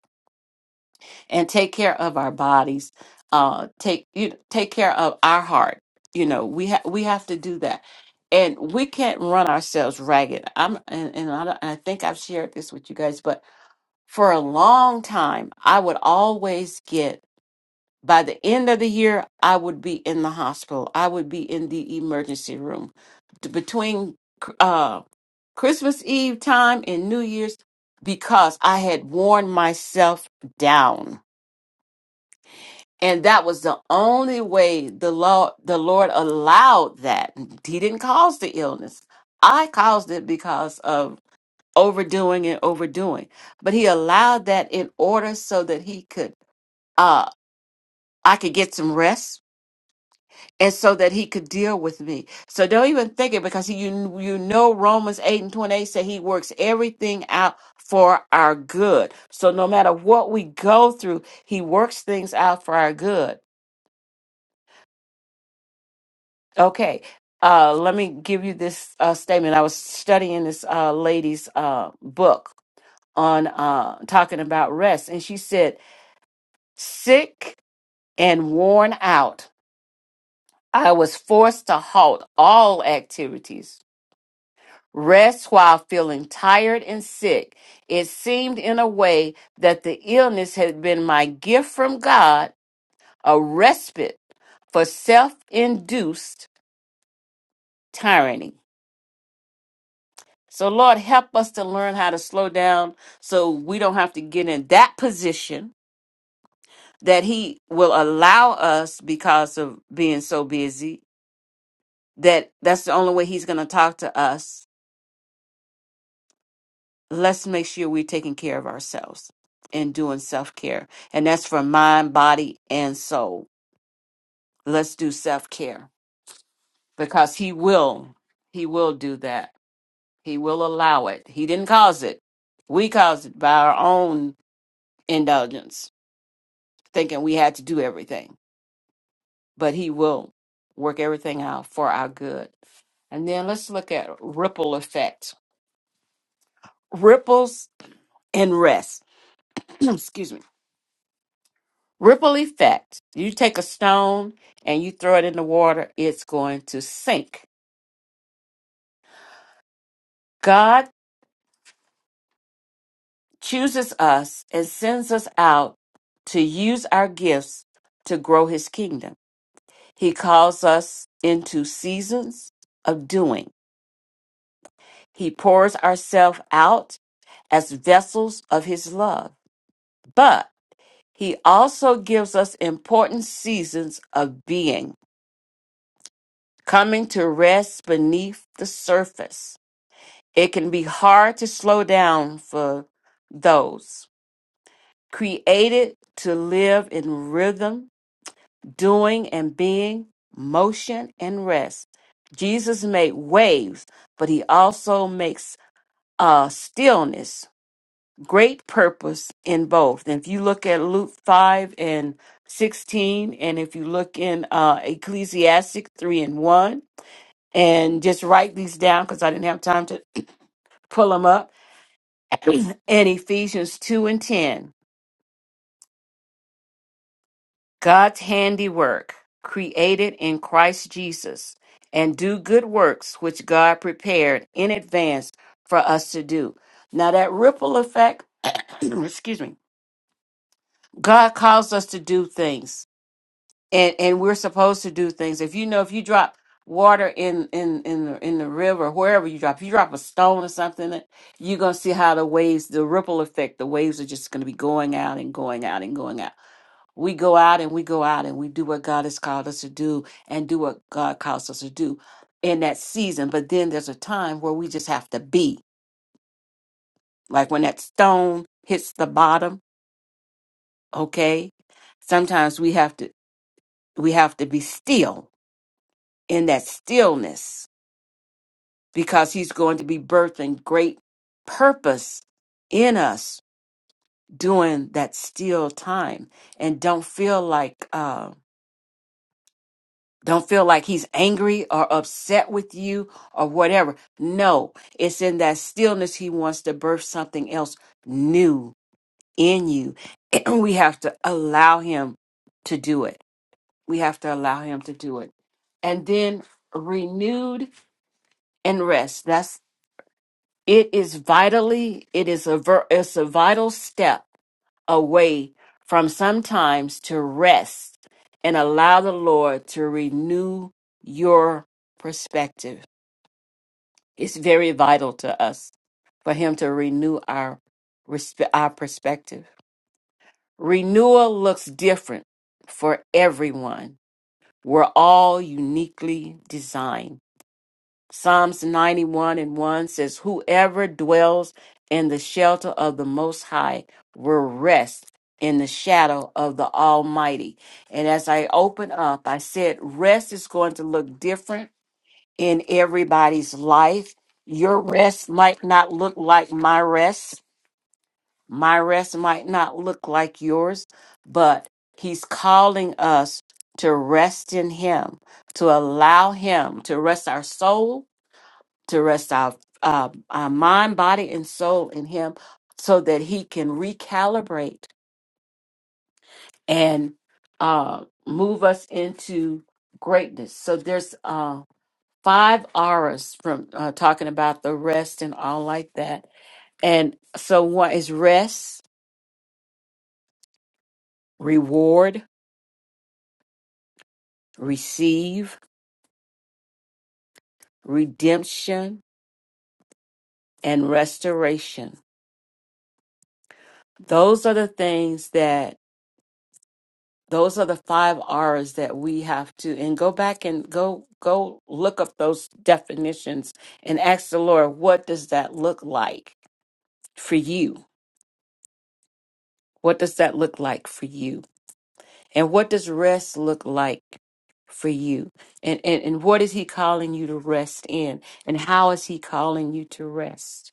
[SPEAKER 1] and take care of our bodies. Uh, take you take care of our heart. You know, we ha- we have to do that, and we can't run ourselves ragged. I'm, and, and I, don't- and I think I've shared this with you guys, but for a long time, I would always get, by the end of the year, I would be in the hospital. I would be in the emergency room. D- Between uh, Christmas Eve time and New Year's, because I had worn myself down. And that was the only way the law, the Lord allowed that. He didn't cause the illness. I caused it because of overdoing and overdoing. But he allowed that in order so that he could uh I could get some rest and so that he could deal with me. So don't even think it because he, you you know Romans 8 and 28 say he works everything out for our good. So no matter what we go through, he works things out for our good. Okay. Uh, let me give you this uh, statement. I was studying this uh, lady's uh, book on uh, talking about rest, and she said Sick and worn out, I was forced to halt all activities. Rest while feeling tired and sick. It seemed in a way that the illness had been my gift from God, a respite for self induced tyranny. So, Lord, help us to learn how to slow down so we don't have to get in that position that He will allow us because of being so busy that that's the only way he's going to talk to us let's make sure we're taking care of ourselves and doing self-care and that's for mind body and soul let's do self-care because he will he will do that he will allow it he didn't cause it we caused it by our own indulgence thinking we had to do everything but he will work everything out for our good and then let's look at ripple effect ripples and rest <clears throat> excuse me Ripple effect. You take a stone and you throw it in the water, it's going to sink. God chooses us and sends us out to use our gifts to grow his kingdom. He calls us into seasons of doing. He pours ourselves out as vessels of his love. But he also gives us important seasons of being, coming to rest beneath the surface It can be hard to slow down for those created to live in rhythm, doing and being, motion and rest. Jesus made waves, but he also makes uh, stillness, great purpose in both. And if you look at Luke 5 and 16, and if you look in uh, Ecclesiastic 3 and 1, and just write these down because I didn't have time to <clears throat> pull them up <clears throat> in Ephesians 2 and 10, God's handiwork, created in Christ Jesus, and do good works which God prepared in advance for us to do. Now, that ripple effect, <clears throat> excuse me, God calls us to do things, and, and we're supposed to do things. If you know, if you drop water in in in the, in the river wherever you drop if you drop a stone or something you're going to see how the waves the ripple effect the waves are just going to be going out and going out and going out We go out and we go out and we do what God has called us to do and do what God calls us to do in that season. But then there's a time where we just have to be. Like when that stone hits the bottom, okay? Sometimes we have to we have to be still in that stillness because he's going to be birthing great purpose in us during that still time and don't feel like um, Don't feel like he's angry or upset with you or whatever. No, it's in that stillness he wants to birth something else new in you. <clears throat> And we have to allow him to do it. We have to allow him to do it. And then renewed and rest. That's it is vitally, it is a ver, it's a vital step away from sometimes to rest and allow the Lord to renew your perspective. It's very vital to us for Him to renew our respe- our perspective. Renewal looks different for everyone. We're all uniquely designed. Psalms 91 and 1 says, Whoever dwells in the shelter of the Most High will rest in the shadow of the Almighty. And as I open up, I said, Rest is going to look different in everybody's life. Your rest might not look like my rest, my rest might not look like yours, but He's calling us to rest in Him, to allow Him to rest our soul to rest our, uh, our mind, body, and soul in Him so that He can recalibrate and uh, move us into greatness. So there's uh, five auras from uh, talking about the rest and all like that. And so what is rest, reward, receive, redemption, and restoration. Those are the things that those are the five R's that we have to and go back and go go look up those definitions and ask the Lord, what does that look like for you? What does that look like for you? And what does rest look like for you? And and, and what is he calling you to rest in? And how is he calling you to rest?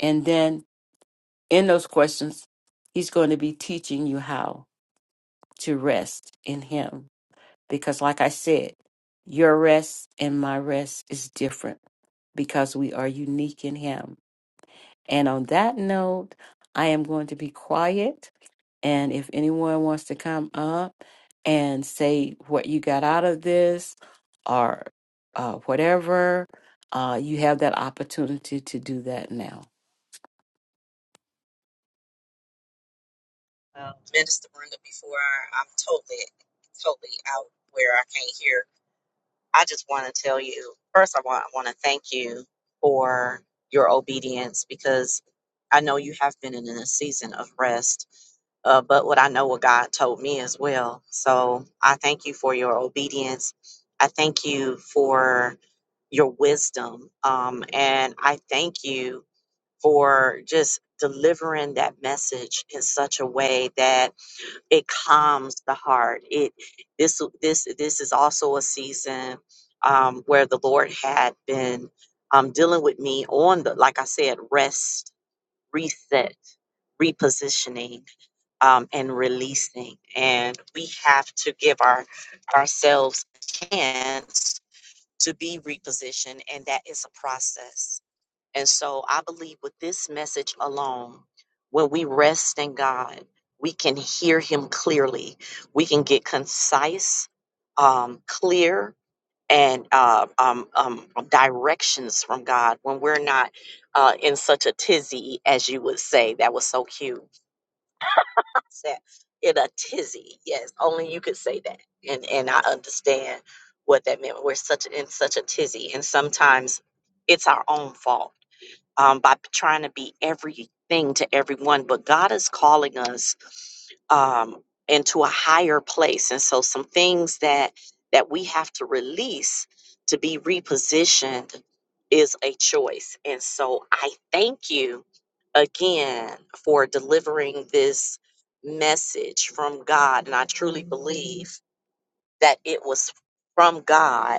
[SPEAKER 1] And then in those questions, he's going to be teaching you how to rest in him because like I said, your rest and my rest is different because we are unique in him. And on that note, I am going to be quiet and if anyone wants to come up and say what you got out of this or uh, whatever, uh, you have that opportunity to do that now.
[SPEAKER 2] Uh, Minister Brenda, before I, I'm totally, totally out where I can't hear, I just want to tell you first, I want, I want to thank you for your obedience because I know you have been in a season of rest. Uh, but what I know what God told me as well. So I thank you for your obedience. I thank you for your wisdom. Um, and I thank you for just delivering that message in such a way that it calms the heart. It this this this is also a season um, where the Lord had been um, dealing with me on the like I said, rest, reset, repositioning. Um, and releasing, and we have to give our ourselves a chance to be repositioned, and that is a process. And so I believe with this message alone, when we rest in God, we can hear Him clearly. We can get concise, um, clear, and uh, um, um, directions from God when we're not uh, in such a tizzy, as you would say. That was so cute mindset in a tizzy. Yes, only you could say that. And and I understand what that meant. We're such in such a tizzy. And sometimes it's our own fault um, by trying to be everything to everyone, but God is calling us um, into a higher place. And so, some things that that we have to release to be repositioned is a choice. And so, I thank you again for delivering this message from God, and I truly believe that it was from God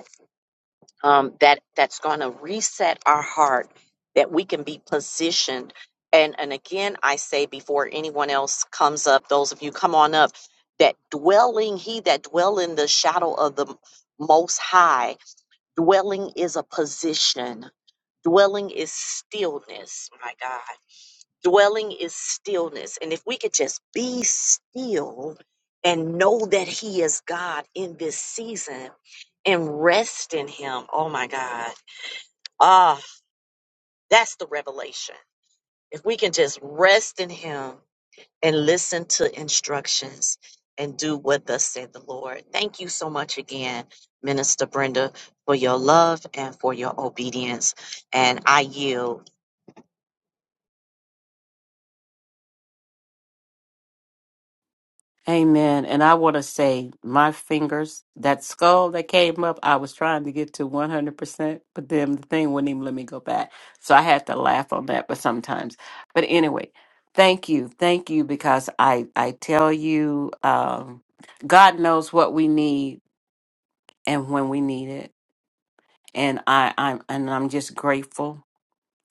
[SPEAKER 2] um, that that's going to reset our heart that we can be positioned and and again i say before anyone else comes up those of you come on up that dwelling he that dwell in the shadow of the most high dwelling is a position dwelling is stillness my god Dwelling is stillness. And if we could just be still and know that He is God in this season and rest in Him, oh my God. Ah, that's the revelation. If we can just rest in Him and listen to instructions and do what thus said the Lord. Thank you so much again, Minister Brenda, for your love and for your obedience. And I yield.
[SPEAKER 1] Amen. And I want to say, my fingers, that skull that came up, I was trying to get to 100%, but then the thing wouldn't even let me go back. So I had to laugh on that, but sometimes. But anyway, thank you. Thank you because I, I tell you, um, God knows what we need and when we need it. And I, I'm, and I'm just grateful.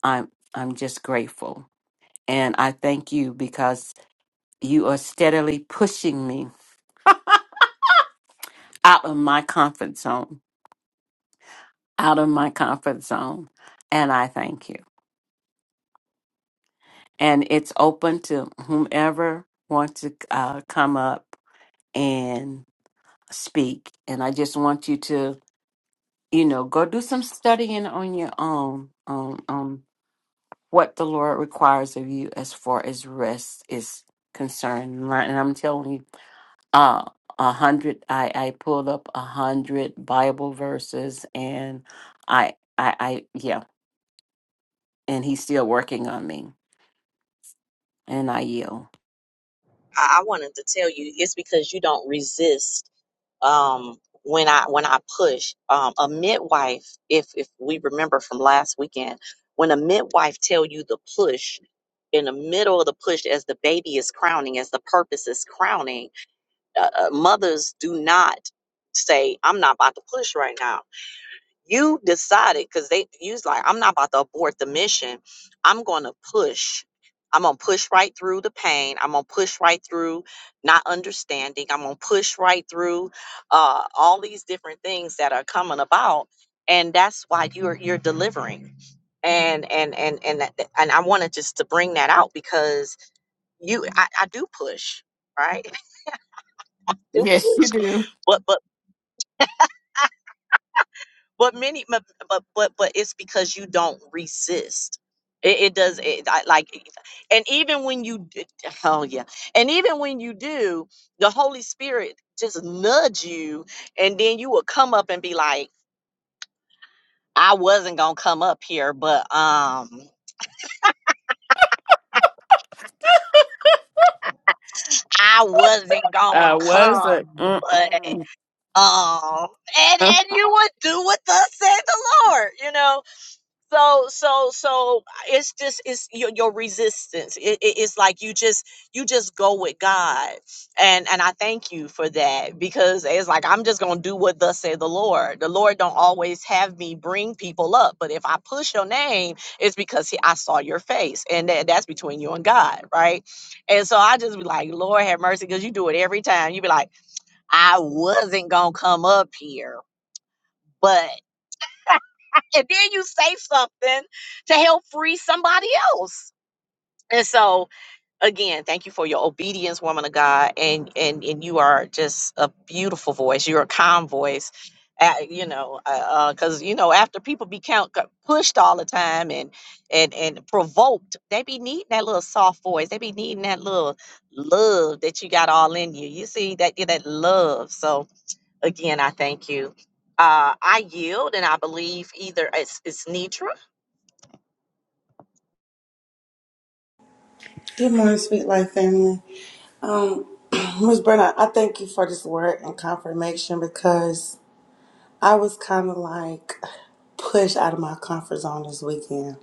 [SPEAKER 1] I'm, I'm just grateful. And I thank you because you are steadily pushing me out of my comfort zone out of my comfort zone. And I thank you. And it's open to whomever wants to uh, come up and speak. And I just want you to, you know, go do some studying on your own on, on what the Lord requires of you as far as rest is concerned. And I- and I'm telling you, uh, a hundred, I, I pulled up a hundred Bible verses and I, I, I, yeah, and he's still working on me and I yield.
[SPEAKER 2] I I wanted to tell you it's because you don't resist um, when I when I push um, a midwife, if if we remember from last weekend, when a midwife tell you the push in the middle of the push as the baby is crowning, as the purpose is crowning, uh, uh, mothers do not say, "I'm not about to push right now." you decided because they You's like i'm not about to abort the mission i'm going to push i'm going to push right through the pain i'm going to push right through not understanding i'm going to push right through uh, all these different things that are coming about and that's why you're you're delivering and and and and that, and i wanted just to bring that out because you i, I do push right <laughs> I do
[SPEAKER 1] Yes,
[SPEAKER 2] push
[SPEAKER 1] you do.
[SPEAKER 2] but but but many but but but, but it's because you don't resist it, it does it, I, like e, and even when you d- d- oh yeah and even when you do the holy spirit just nudge you and then you will come up and be like i wasn't gonna come up here but um i wasn't gonna
[SPEAKER 1] I was a.
[SPEAKER 2] come but
[SPEAKER 1] Mm-mm.
[SPEAKER 2] um and
[SPEAKER 1] <laughs>
[SPEAKER 2] and you would do what thus said the lord you know so so so it's just it's your, your resistance it, it- it's like you just you just go with god and and i thank you for that because it's like i'm just gonna do what thus say the lord the lord don't always have me bring people up but if i push your name it's because he, i saw your face and that, that's between you and god right and so i just be like lord have mercy because you do it every time you be like i wasn't gonna come up here but and then you say something to help free somebody else and so again thank you for your obedience woman of god and and and you are just a beautiful voice you're a calm voice uh, you know because uh, uh you know after people be count got pushed all the time and and and provoked they be needing that little soft voice they be needing that little love that you got all in you you see that that love so Again, I thank you. Uh, I yield, and I believe either it's, it's Nitra.
[SPEAKER 4] Good morning, Sweet Life family. Um, <clears throat> Ms. Brenna, I thank you for this word and confirmation because I was kind of like pushed out of my comfort zone this weekend.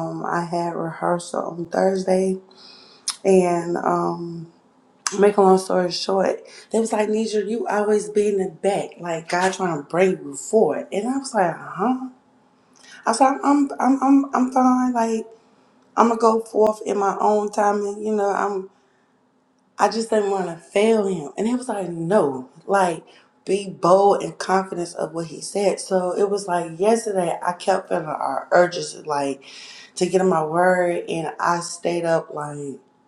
[SPEAKER 4] Um, I had rehearsal on Thursday, and um, make a long story short, they was like, Nisha, you always be in the back, like God trying to bring you forward. And I was like, huh? I was like, I'm, I'm, I'm, I'm fine. Like I'm gonna go forth in my own time, and you know, I'm I just didn't want to fail him. And he was like, no, like be bold and confident of what he said. So it was like yesterday, I kept feeling our urges like to get in my word. And I stayed up like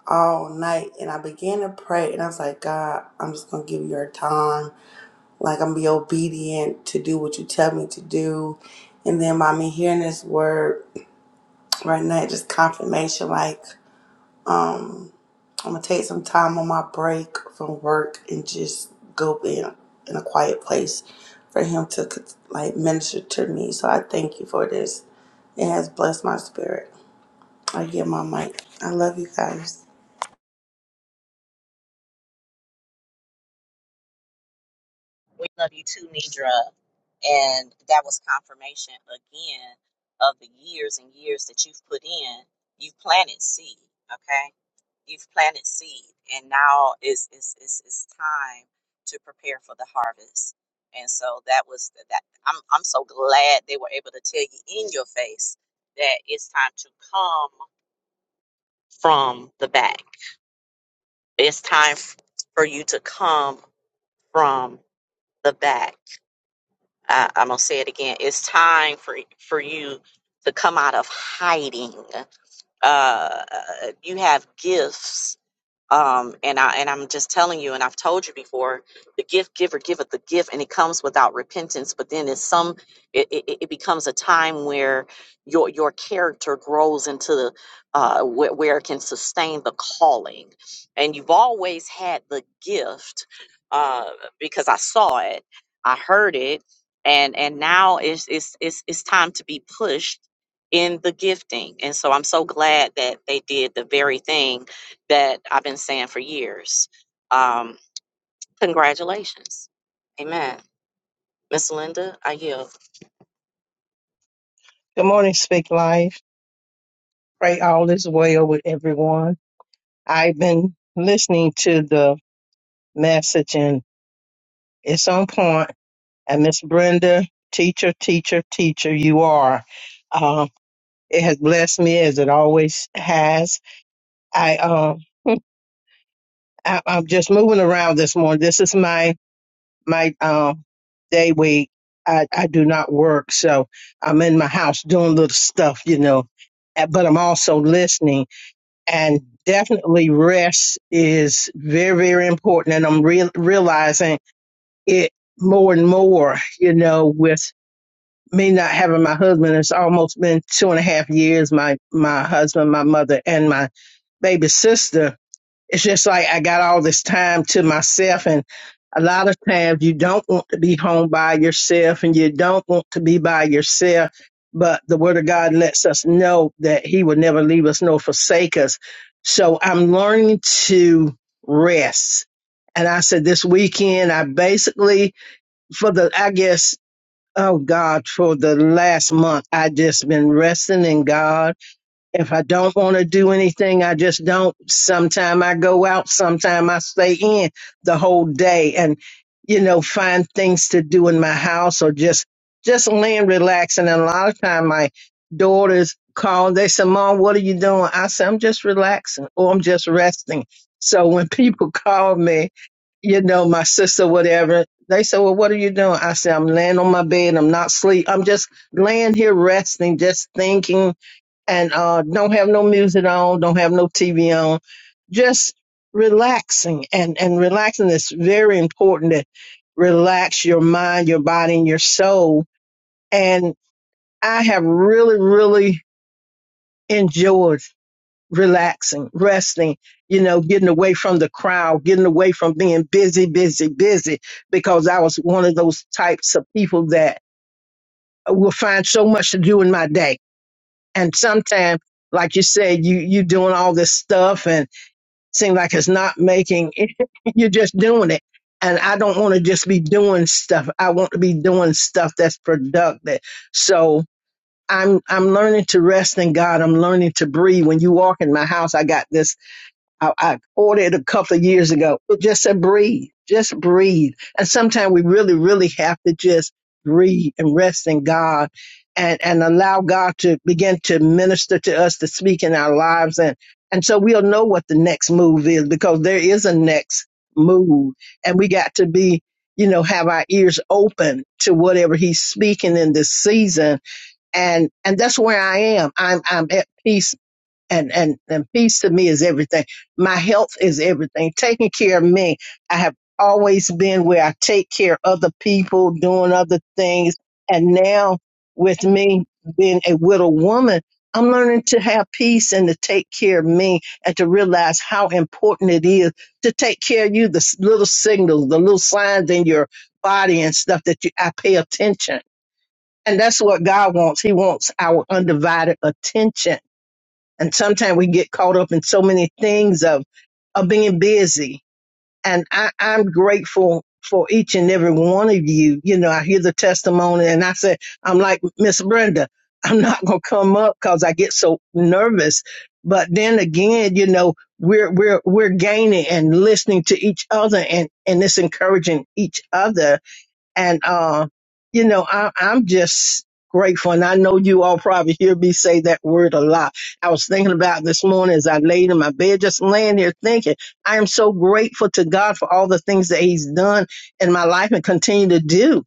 [SPEAKER 4] all night and I began to pray. And I was like, God, I'm just going to give you your time. Like I'm going to be obedient to do what you tell me to do. And then mommy hearing this word right now, just confirmation, like I'm gonna take some time on my break from work and just go in in a quiet place for him to like minister to me. So I thank you for this. It has blessed my spirit. I give my mic. I love you guys.
[SPEAKER 2] We love you too, Nidra. And that was confirmation again of the years and years that you've put in. You've planted seed, okay? You've planted seed, and now it's it's it's, it's time to prepare for the harvest. And so that was that. I'm I'm so glad they were able to tell you in your face that it's time to come from the back. It's time f- for you to come from the back. Uh, I'm gonna say it again. It's time for for you to come out of hiding uh, you have gifts um and i and i'm just telling you and i've told you before the gift giver giveth the gift and it comes without repentance but then it's some it, it, it becomes a time where your your character grows into the uh where, where it can sustain the calling and you've always had the gift uh because i saw it i heard it and and now it's it's it's, it's time to be pushed in the gifting and so i'm so glad that they did the very thing that I've been saying for years. Um, congratulations. Amen. Miss Linda, I yield.
[SPEAKER 5] Good morning, Speak Life. Pray all is well with everyone. I've been listening to the message and it's on point. And Miss Brenda, teacher, teacher, teacher, you are. Uh, it has blessed me as it always has. I, um, I I'm just moving around this morning. This is my my um, day week. I, I do not work, so I'm in my house doing little stuff, you know. Uh, But I'm also listening and definitely rest is very very important and i'm real realizing it more and more you know with me not having my husband it's almost been two and a half years my my husband my mother and my baby sister it's just like I got all this time to myself and a lot of times you don't want to be home by yourself and you don't want to be by yourself but the word of God lets us know that he will never leave us nor forsake us so I'm learning to rest and I said this weekend I basically for the I guess oh God for the last month I just been resting in God if I don't want to do anything, I just don't. Sometime I go out, sometime I stay in the whole day and, you know, find things to do in my house or just, just lay and relax. And then a lot of time my daughters call, they say, Mom, what are you doing? I say, I'm just relaxing or I'm just resting. So when <laughs> people call me, you know, my sister, whatever. They say, Well, what are you doing? I say, I'm laying on my bed. I'm not sleep. I'm just laying here resting, just thinking and uh, don't have no music on, don't have no TV on, just relaxing and and relaxing is very important to relax your mind, your body, and your soul. And I have really, really enjoyed relaxing, resting, you know, getting away from the crowd, getting away from being busy, busy, busy, because I was one of those types of people that will find so much to do in my day and sometimes like you said you you doing all this stuff and seem like it's not making <laughs> you're just doing it and i don't want to just be doing stuff i want to be doing stuff that's productive so i'm i'm learning to rest in god i'm learning to breathe when you walk in my house i got this I, I ordered a couple of years ago. It just said breathe, just breathe. And sometimes we really, really have to just breathe and rest in God and, and allow God to begin to minister to us, to speak in our lives. And, and so we'll know what the next move is because there is a next move and we got to be, you know, have our ears open to whatever he's speaking in this season. And, and that's where I am. I'm, I'm at peace and and and peace to me is everything my health is everything taking care of me i have always been where i take care of other people doing other things and now with me being a widow woman i'm learning to have peace and to take care of me and to realize how important it is to take care of you the s- little signals the little signs in your body and stuff that you i pay attention and that's what god wants he wants our undivided attention and sometimes we get caught up in so many things of of being busy. And I, I'm grateful for each and every one of you. You know, I hear the testimony and I say, I'm like Miss Brenda, <laughs> I'm not gonna come up because I get so nervous. But then again, you know, we're we're we're gaining and listening to each other and, and it's encouraging each other and, uh, you know, I, I'm just grateful. And I know you all probably hear me say that word a lot. I was thinking about it this morning as I laid in my bed, just laying there thinking, I am so grateful to God for all the things that He's done in my life and continue to do.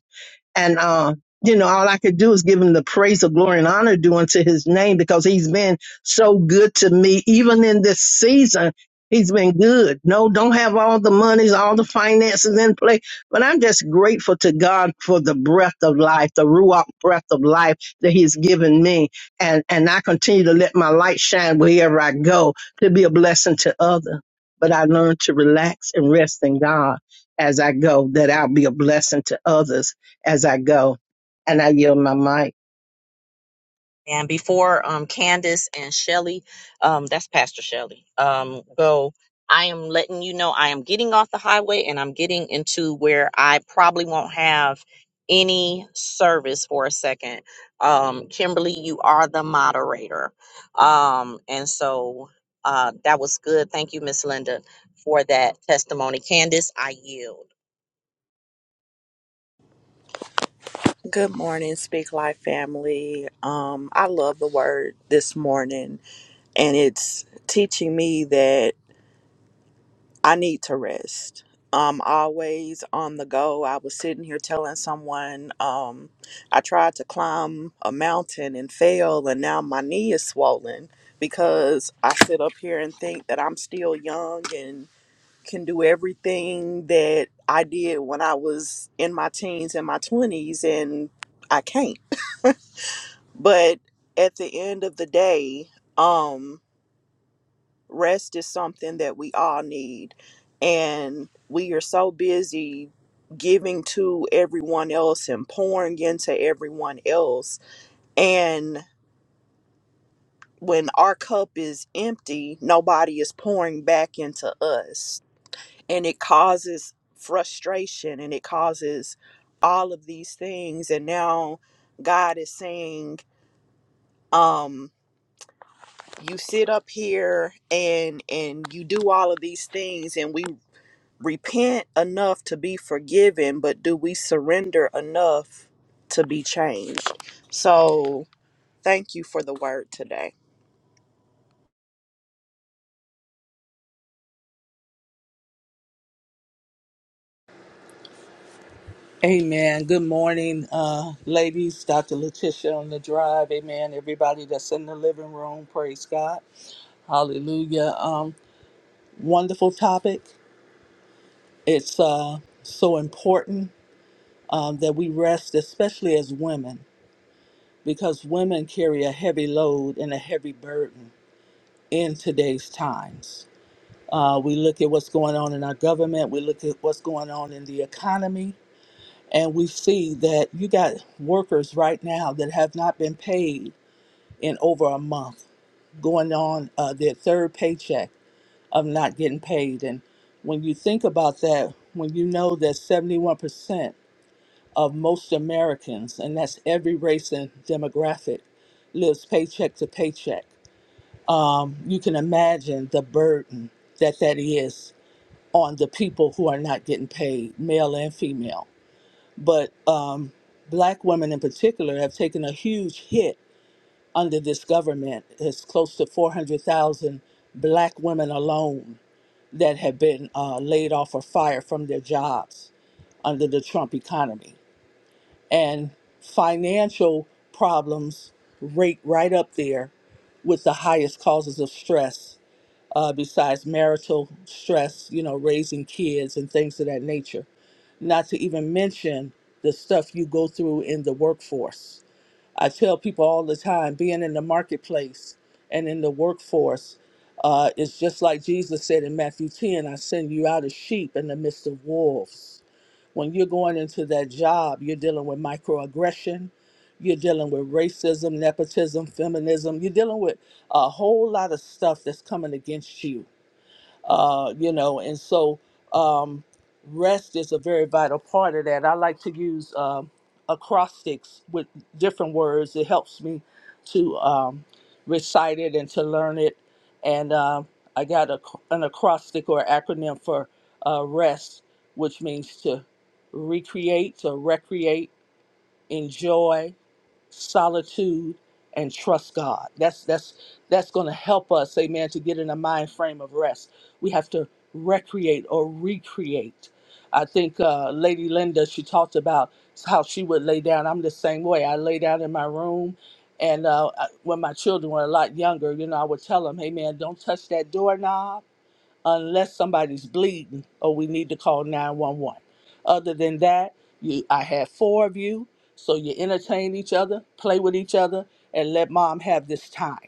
[SPEAKER 5] And, um, you know, all I could do is give him the praise of glory and honor due unto his name because he's been so good to me. Even in this season, he's been good. No, don't have all the monies, all the finances in play, but I'm just grateful to God for the breath of life, the Ruach breath of life that he's given me. And, and I continue to let my light shine wherever I go to be a blessing to others. But I learned to relax and rest in God as I go, that I'll be a blessing to others as I go. And I yield my mic.
[SPEAKER 2] And before um, Candace and Shelly, um, that's Pastor Shelly, um, go, I am letting you know I am getting off the highway and I'm getting into where I probably won't have any service for a second. Um, Kimberly, you are the moderator. Um, and so uh, that was good. Thank you, Miss Linda, for that testimony. Candace, I yield.
[SPEAKER 6] Good morning, Speak Life family. Um, I love the word this morning, and it's teaching me that I need to rest. I'm always on the go. I was sitting here telling someone um, I tried to climb a mountain and fell, and now my knee is swollen because I sit up here and think that I'm still young and can do everything that I did when I was in my teens and my 20s, and I can't. But at the end of the day, um, rest is something that we all need. And we are so busy giving to everyone else and pouring into everyone else. And when our cup is empty, nobody is pouring back into us. And it causes frustration and it causes all of these things. And now God is saying, um, you sit up here and and you do all of these things and we repent enough to be forgiven but do we surrender enough to be changed so thank you for the word today
[SPEAKER 7] Amen. Good morning, uh, ladies. Dr. Letitia on the drive. Amen. Everybody that's in the living room. Praise God. Hallelujah. Um, wonderful topic. It's uh, so important um, that we rest, especially as women, because women carry a heavy load and a heavy burden in today's times. Uh, we look at what's going on in our government. We look at what's going on in the economy. And we see that you got workers right now that have not been paid in over a month, going on uh, their third paycheck of not getting paid. And when you think about that, when you know that 71% of most Americans, and that's every race and demographic, lives paycheck to paycheck, um, you can imagine the burden that that is on the people who are not getting paid, male and female but um, black women in particular have taken a huge hit under this government. It's close to 400,000 black women alone that have been uh, laid off or fired from their jobs under the Trump economy. And financial problems rate right up there with the highest causes of stress uh, besides marital stress, you know, raising kids and things of that nature. Not to even mention the stuff you go through in the workforce. I tell people all the time being in the marketplace and in the workforce uh, is just like Jesus said in Matthew 10 I send you out as sheep in the midst of wolves. When you're going into that job, you're dealing with microaggression, you're dealing with racism, nepotism, feminism, you're dealing with a whole lot of stuff that's coming against you uh, you know, and so um, rest is a very vital part of that. I like to use um acrostics with different words. It helps me to um, recite it and to learn it. And uh, I got a, an acrostic or acronym for uh, rest, which means to recreate, to recreate, enjoy, solitude and trust God. That's that's that's going to help us, amen, to get in a mind frame of rest. We have to recreate or recreate. I think uh, Lady Linda she talked about how she would lay down. I'm the same way. I lay down in my room, and uh, I- when my children were a lot younger, you know, I would tell them, "Hey, man, don't touch that doorknob." unless somebody's bleeding or we need to call 911. Other than that, you, I have four of you, so you entertain each other, play with each other, and let mom have this time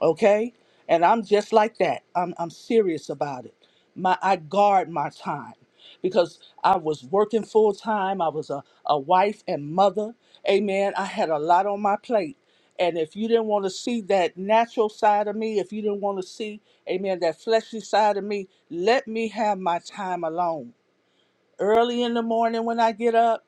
[SPEAKER 7] okay and i'm just like that i'm, I'm serious about it my i guard my time because i was working full time i was a, a wife and mother amen i had a lot on my plate and if you didn't want to see that natural side of me if you didn't want to see amen that fleshly side of me let me have my time alone early in the morning when i get up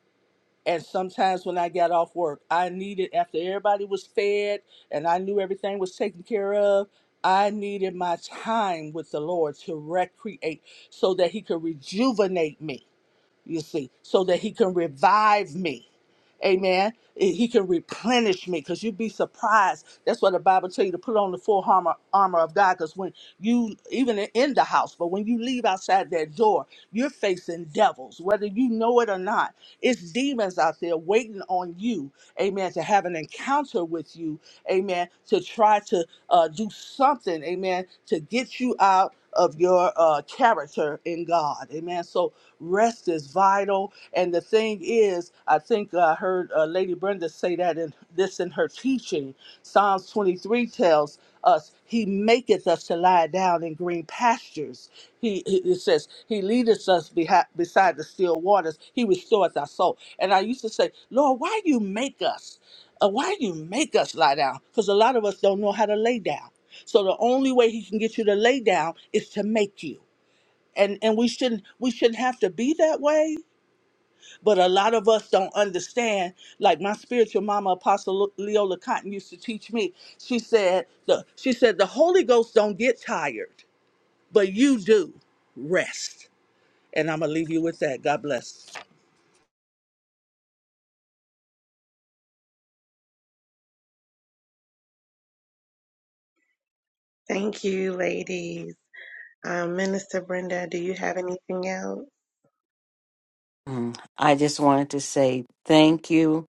[SPEAKER 7] and sometimes when I got off work, I needed, after everybody was fed and I knew everything was taken care of, I needed my time with the Lord to recreate so that He could rejuvenate me you see, so that he can revive me. Amen. He can replenish me because you'd be surprised. That's what the Bible tell you to put on the full armor, armor of God. Because when you, even in the house, but when you leave outside that door, you're facing devils, whether you know it or not. It's demons out there waiting on you, amen, to have an encounter with you, amen, to try to uh, do something, amen, to get you out of your uh, character in God, amen. So Rest is vital. And the thing is, I think I heard uh, Lady Brenda say that in this in her teaching. Psalms 23 tells us, He maketh us to lie down in green pastures. He, he it says, He leadeth us behi- beside the still waters. He restoreth our soul. And I used to say, Lord, why you make us? Uh, why you make us lie down? Because a lot of us don't know how to lay down. So the only way He can get you to lay down is to make you and and we shouldn't we shouldn't have to be that way but a lot of us don't understand like my spiritual mama apostle Le- leola cotton used to teach me she said the she said the holy ghost don't get tired but you do rest and i'm gonna leave you with that god bless
[SPEAKER 8] Thank you, ladies. Um, Minister Brenda, do you have anything else?
[SPEAKER 1] Mm. I just wanted to say thank you,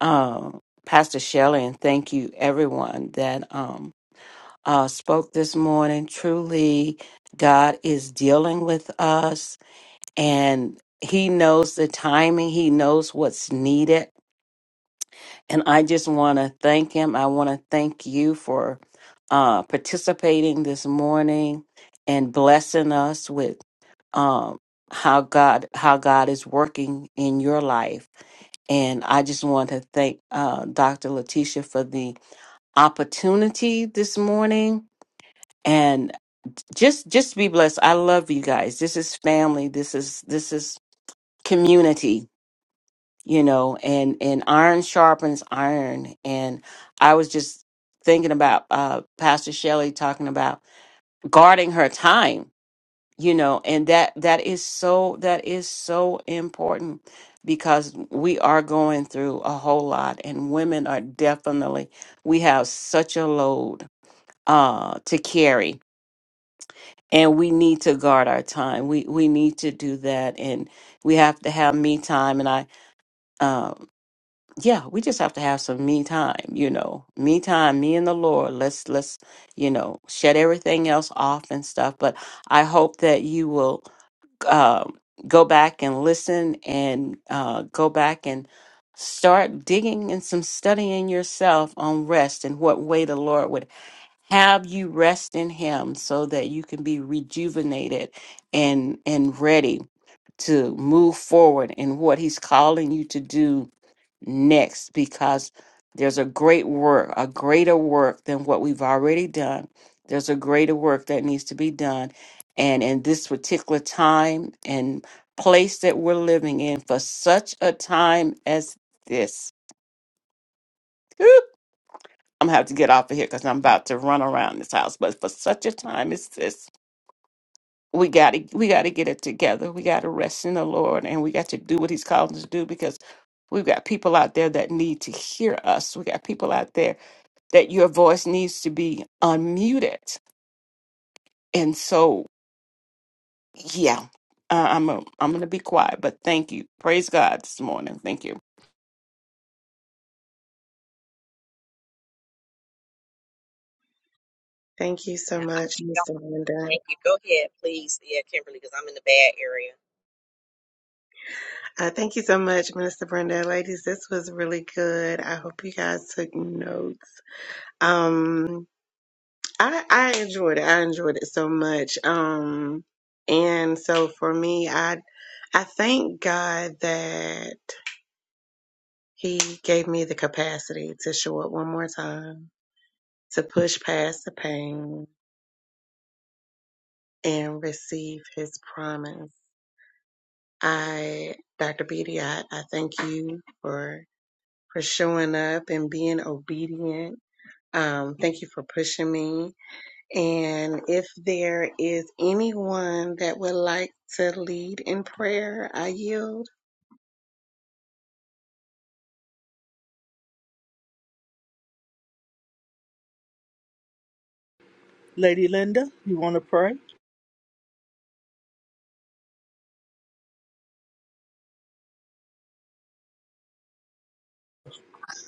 [SPEAKER 1] um, Pastor Shelley, and thank you everyone that um, uh, spoke this morning. Truly, God is dealing with us, and He knows the timing. He knows what's needed, and I just want to thank Him. I want to thank you for uh, participating this morning and blessing us with. um, how God how God is working in your life. And I just want to thank uh, Dr. Letitia for the opportunity this morning. And just just be blessed. I love you guys. This is family. This is this is community, you know, and and iron sharpens iron. And I was just thinking about uh Pastor Shelley talking about guarding her time you know and that that is so that is so important because we are going through a whole lot and women are definitely we have such a load uh to carry and we need to guard our time we we need to do that and we have to have me time and i um yeah we just have to have some me time you know me time me and the lord let's let's you know shut everything else off and stuff but i hope that you will um, go back and listen and uh, go back and start digging and some studying yourself on rest and what way the Lord would have you rest in Him so that you can be rejuvenated and and ready to move forward in what He's calling you to do next because there's a great work, a greater work than what we've already done. There's a greater work that needs to be done. And in this particular time and place that we're living in, for such a time as this, whew, I'm gonna have to get off of here because I'm about to run around this house. But for such a time as this, we gotta we gotta get it together. We gotta rest in the Lord and we got to do what He's called us to do because We've got people out there that need to hear us. We got people out there that your voice needs to be unmuted. And so, yeah, uh, I'm i I'm going to be quiet, but thank you. Praise God this morning. Thank you.
[SPEAKER 8] Thank you so
[SPEAKER 2] And I-
[SPEAKER 8] much, Mr. Brenda.
[SPEAKER 2] Thank you. Go ahead, please. Yeah, Kimberly, because I'm in the bad area.
[SPEAKER 8] Uh, thank you so much, Minister Brenda. Ladies, this was really good. I hope you guys took notes. Um, I, I enjoyed it. I enjoyed it so much. Um, and so for me, I, I thank God that He gave me the capacity to show up one more time, to push past the pain, and receive his promise. I, Dr. Beatty, I, I thank you for, for showing up and being obedient. Um, thank you for pushing me. And if there is anyone that would like to lead in prayer, I yield.
[SPEAKER 7] lady linda you want to pray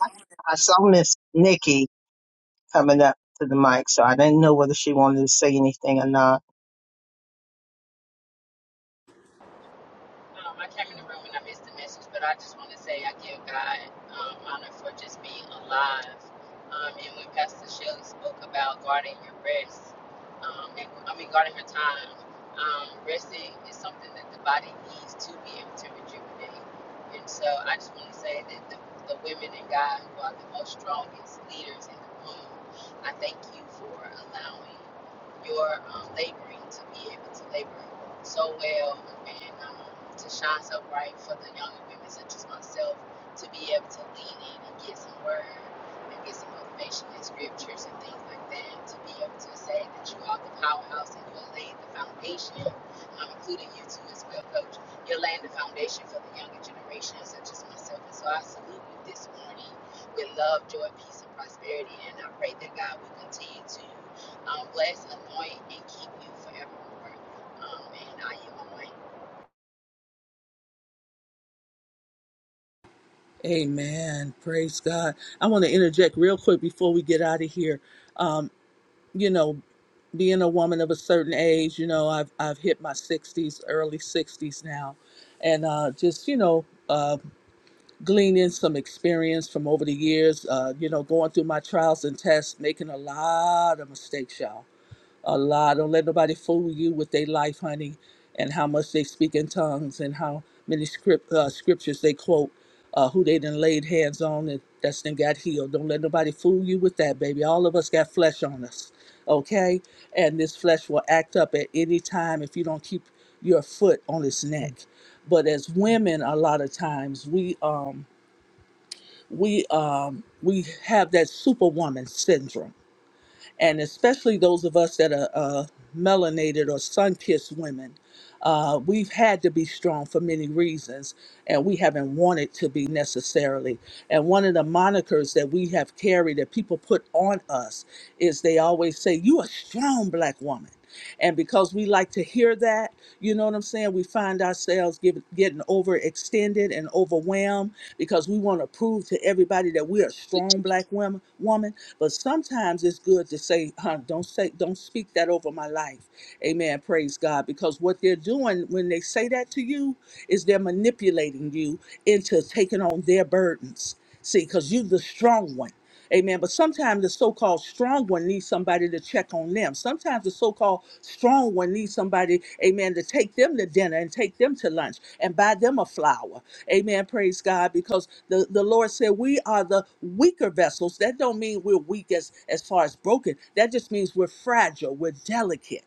[SPEAKER 5] I I saw Miss Nikki coming up to the mic, so I didn't know whether she wanted to say anything or not.
[SPEAKER 9] Um, I came in the room and I missed the message, but I just want to say I give God um, honor for just being alive. Um, and when Pastor Shelley spoke about guarding your rest, um, and, I mean, guarding her time, um, resting is something that the body needs to be able to rejuvenate. And so I just want to say that the, the women in God who are the most strongest leaders in the room, I thank you for allowing your um, laboring to be able to labor so well and um, to shine so bright for the younger women such as myself to be able to lean in and get some word and get some motivation in scriptures and things like that to be able to say that you are the powerhouse and you are laying the foundation i including you too as well coach you're laying the foundation for the younger generation such as myself and so I salute you this morning with love joy peace and prosperity and I pray that God will continue to um, bless anoint and keep you forevermore
[SPEAKER 7] amen praise god i want to interject real quick before we get out of here you know, being a woman of a certain age, you know, I've I've hit my 60s, early 60s now, and uh, just you know, uh, gleaning some experience from over the years, uh, you know, going through my trials and tests, making a lot of mistakes, y'all Allah. Don't let nobody fool you with their life, honey, and how much they speak in tongues and how many script uh, scriptures they quote, uh, who they done laid hands on and that's done got healed. Don't let nobody fool you with that, baby. All of us got flesh on us, okay? And this flesh will act up at any time if you don't keep your foot on its neck. But as women, a lot of times we um we um we have that superwoman syndrome and especially those of us that are uh, melanated or sun-kissed women uh, we've had to be strong for many reasons, and we haven't wanted to be necessarily. And one of the monikers that we have carried that people put on us is they always say, You a strong black woman. And because we like to hear that, you know what I'm saying? We find ourselves give, getting overextended and overwhelmed because we want to prove to everybody that we're a strong black women. woman. But sometimes it's good to say, huh, don't say, don't speak that over my life. Amen. Praise praise God, because what they're doing when they say that to you is they're manipulating you into taking on their burdens. See, because you're the strong one. Amen. But sometimes the so called strong one needs somebody to check on them. Sometimes the so called strong one needs somebody, amen, to take them to dinner and take them to lunch and buy them a flower. Amen. Praise God. Because the, the Lord said we are the weaker vessels. That don't mean we're weak as, as far as broken. That just means we're fragile. We're delicate.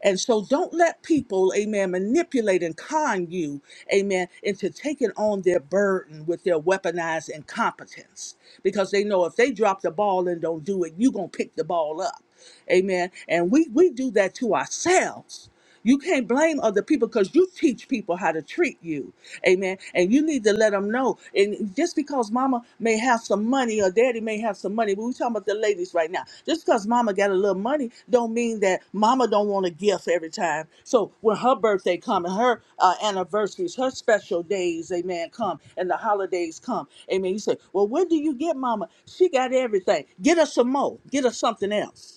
[SPEAKER 7] And so don't let people, amen, manipulate and con you, amen, into taking on their burden with their weaponized incompetence. Because they know if they drop the ball and don't do it, you're going to pick the ball up. Amen. And we, we do that to ourselves. You can't blame other people because you teach people how to treat you. Amen. And you need to let them know. And just because mama may have some money or daddy may have some money, but we're talking about the ladies right now. Just because mama got a little money don't mean that mama don't want a gift every time. So when her birthday come and her uh, anniversaries, her special days, amen, come and the holidays come. Amen. You say, well, what do you get mama? She got everything. Get her some more. Get her something else.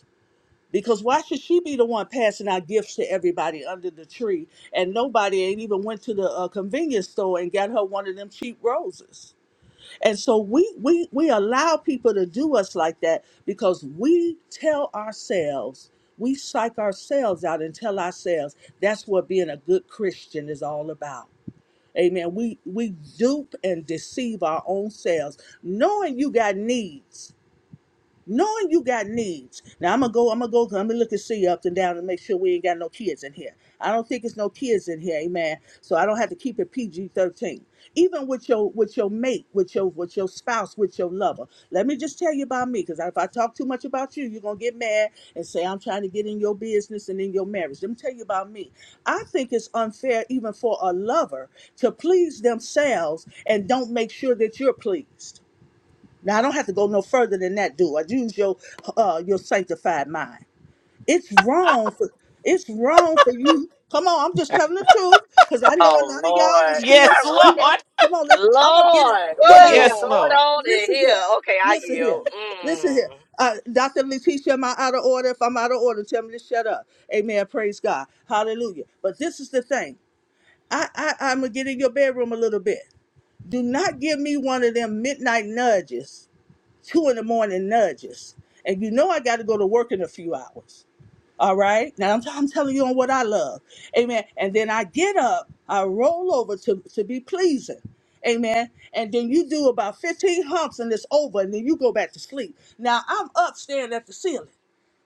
[SPEAKER 7] Because why should she be the one passing out gifts to everybody under the tree, and nobody ain't even went to the uh, convenience store and got her one of them cheap roses? And so we we we allow people to do us like that because we tell ourselves, we psych ourselves out and tell ourselves that's what being a good Christian is all about. Amen. We we dupe and deceive our own selves, knowing you got needs knowing you got needs. Now I'm gonna go. I'm gonna go. I'm gonna look and see up and down and make sure we ain't got no kids in here. I don't think it's no kids in here, amen. So I don't have to keep it PG-13. Even with your with your mate, with your with your spouse, with your lover. Let me just tell you about me, because if I talk too much about you, you're gonna get mad and say I'm trying to get in your business and in your marriage. Let me tell you about me. I think it's unfair even for a lover to please themselves and don't make sure that you're pleased. Now I don't have to go no further than that, do I? Use your uh your sanctified mind. It's wrong for it's wrong for you. Come on, I'm just telling the truth because I know a
[SPEAKER 2] Oh
[SPEAKER 7] lot of y'all are
[SPEAKER 2] Lord, <laughs>
[SPEAKER 7] still,
[SPEAKER 1] Yes, <laughs>
[SPEAKER 2] what?
[SPEAKER 7] you
[SPEAKER 2] is-
[SPEAKER 7] know.
[SPEAKER 1] Lord.
[SPEAKER 7] Come on, let- I'm gonna get it.
[SPEAKER 2] Lord,
[SPEAKER 7] Yeah,
[SPEAKER 2] what
[SPEAKER 7] yeah,
[SPEAKER 2] is
[SPEAKER 7] yeah.
[SPEAKER 1] Yes,
[SPEAKER 9] Whoa!
[SPEAKER 2] going
[SPEAKER 1] Lord.
[SPEAKER 2] on in
[SPEAKER 7] Listen
[SPEAKER 2] here?
[SPEAKER 7] here,
[SPEAKER 2] Okay, I
[SPEAKER 7] listen
[SPEAKER 2] yield.
[SPEAKER 7] here, listen
[SPEAKER 2] Mm.
[SPEAKER 7] here.
[SPEAKER 2] Uh,
[SPEAKER 7] Uh, Dr. Letitia, am I out of order? If I'm out of order, tell me to shut up. Amen. Praise God. Hallelujah. But this is the thing. I, I I'm gonna get in your bedroom a little bit. Do not give me one of them midnight nudges two in the morning nudges. And you know I got to go to work in a few hours. All right. Now I'm, I'm telling you on what I love. Amen. And then I get up, I roll over to, to be pleasing. Amen. And then you do about 15 humps and it's over. And then you go back to sleep. Now I'm up staring at the ceiling.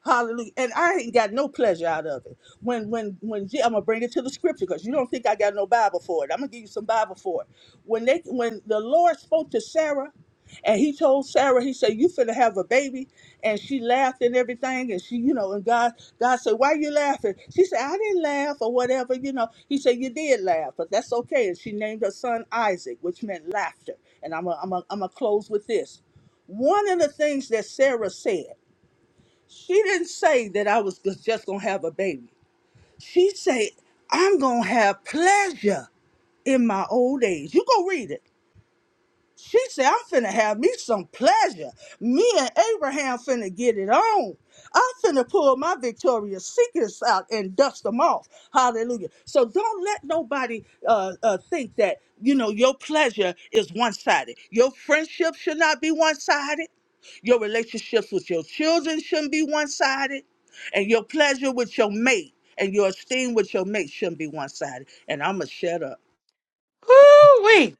[SPEAKER 7] Hallelujah. And I ain't got no pleasure out of it. When when when yeah, I'm gonna bring it to the scripture because you don't think I got no Bible for it. I'm gonna give you some Bible for it. When they when the Lord spoke to Sarah and he told Sarah, he said, You finna have a baby and she laughed and everything and she, you know, and God God said, Why you laughing? She said, I didn't laugh or whatever, you know. He said, You did laugh, but that's okay. And she named her son Isaac, which meant laughter. And I'm a, I'm a, I'm gonna close with this. One of the things that Sarah said. She didn't say that I was g- just gonna have a baby. She said, I'm gonna have pleasure in my old age. You go read it. She said, I'm finna have me some pleasure. Me and Abraham finna get it on. I finna pull my Victoria's Secrets out and dust them off. Hallelujah. So don't let nobody uh, uh, think that, you know, your pleasure is one sided. Your friendship should not be one sided. Your relationships with your children shouldn't be one sided. And your pleasure with your mate and your esteem with your mate shouldn't be one sided. And I'm going to shut up.
[SPEAKER 1] Woo wee.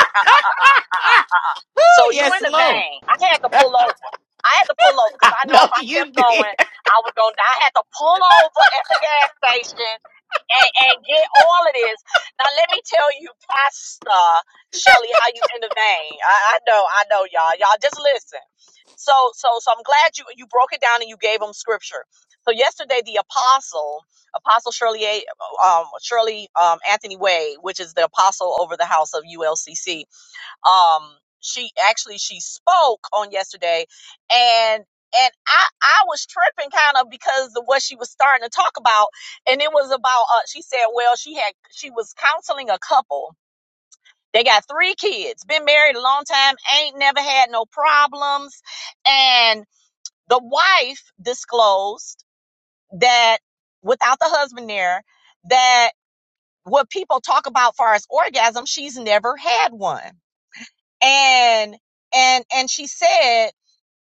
[SPEAKER 2] uh, uh, uh, uh, uh,
[SPEAKER 1] <laughs>
[SPEAKER 2] uh.
[SPEAKER 1] Woo,
[SPEAKER 2] So you in
[SPEAKER 1] yes,
[SPEAKER 2] the
[SPEAKER 1] Lord.
[SPEAKER 2] vein? I had to pull over. I had to pull over because
[SPEAKER 1] I
[SPEAKER 2] I know if
[SPEAKER 1] know
[SPEAKER 2] I kept
[SPEAKER 1] you did.
[SPEAKER 2] going, I was gonna die. I had to pull over at the gas station and, and get all of this. Now let me tell you, Pastor Shelley, how you intervene. I, I know, I know, y'all. Y'all just listen. So, so, so I'm glad you you broke it down and you gave them scripture. So yesterday, the apostle, Apostle Shirley, A- um, Shirley um, Anthony Wade, which is the apostle over the house of ULCC, um she actually she spoke on yesterday and and I, I was tripping kind of because of what she was starting to talk about and it was about uh she said well she had she was counseling a couple they got three kids been married a long time ain't never had no problems and the wife disclosed that without the husband there that what people talk about far as orgasm she's never had one and and and she said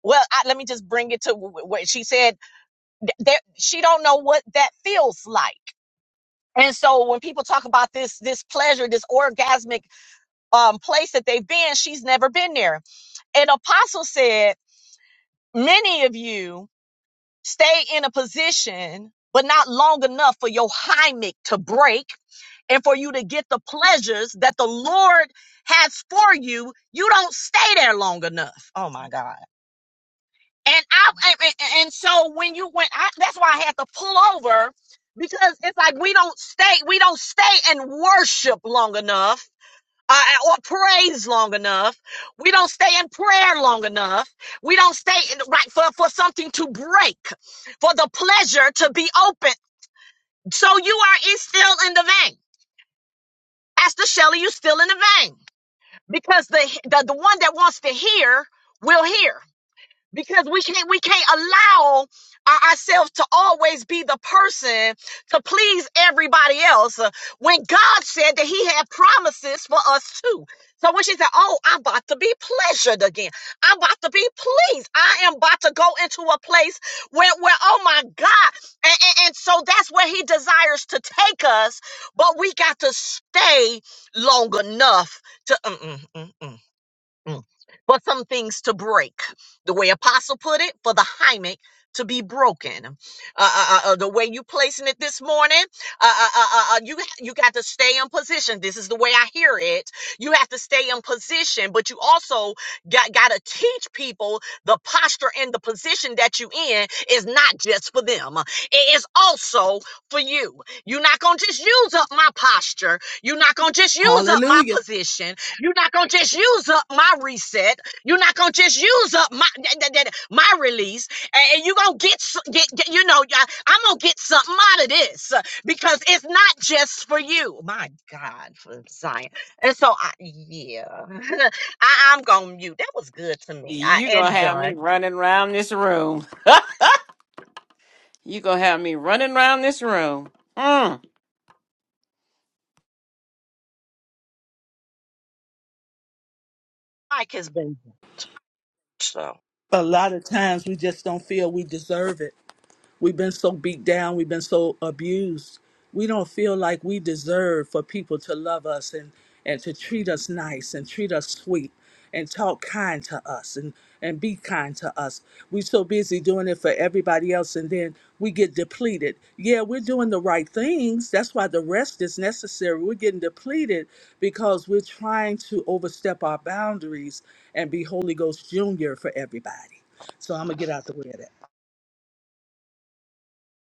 [SPEAKER 2] well I, let me just bring it to wh- what she said that she don't know what that feels like and so when people talk about this this pleasure this orgasmic um place that they've been she's never been there and apostle said many of you stay in a position but not long enough for your hymic to break and for you to get the pleasures that the lord has for you you don't stay there long enough oh my god And I and, and- so when you went, I, that's why I had to pull over because it's like we don't stay, we don't stay and worship long enough. Uh, uh, or praise long enough. We don't stay in prayer long enough. We don't stay in, right for, for something to break, for the pleasure to be open. So you are is still in the vein. Pastor Shelley, you still in the vein because the, the the one that wants to hear will hear. because we can't we can't allow our- ourselves to always be the person to please everybody else uh, when god said that he had promises for us too so when she said oh i'm about to be pleasured again i'm about to be pleased i am about to go into a place where, where oh my god and, and, and so that's where he desires to take us but we got to stay long enough to mm-mm, mm-mm. Mm. For some things to break, the way Apostle put it, for the hymic to be broken. Uh, uh, uh, uh, the way you placing it this morning, uh, uh, uh, uh, uh, you you got to stay in position. This is the way I hear it. You have to stay in position, but you also got got to teach people the posture and the position that you in is not just for them. It is also for you. You're not gonna just use up my posture. You're not gonna just use up my
[SPEAKER 7] Hallelujah.
[SPEAKER 2] position you're not gonna just use up my reset. You're not gonna just use up my that- that- that- my release, and, and you're gonna get, s- get, get you know I, I'm gonna get something out of this uh, because it's not just for you. My God, for Zion. And so I yeah, <laughs> I, I'm gonna mute. That was good to me. I
[SPEAKER 1] you going
[SPEAKER 2] am
[SPEAKER 1] to have me
[SPEAKER 2] done.
[SPEAKER 1] running around this room. you going to have me running around this room. Mm.
[SPEAKER 2] Mike has been so
[SPEAKER 7] a lot of times we just don't feel we deserve it. We've been so beat down, we've been so abused. We don't feel like we deserve for people to love us and, and to treat us nice and treat us sweet and talk kind to us and, and be kind to us. We're so busy doing it for everybody else and then we get depleted. Yeah, we're doing the right things. That's why the rest is necessary. We're getting depleted because we're trying to overstep our boundaries and be Holy Ghost Junior for everybody. So I'm going to get out the way of that.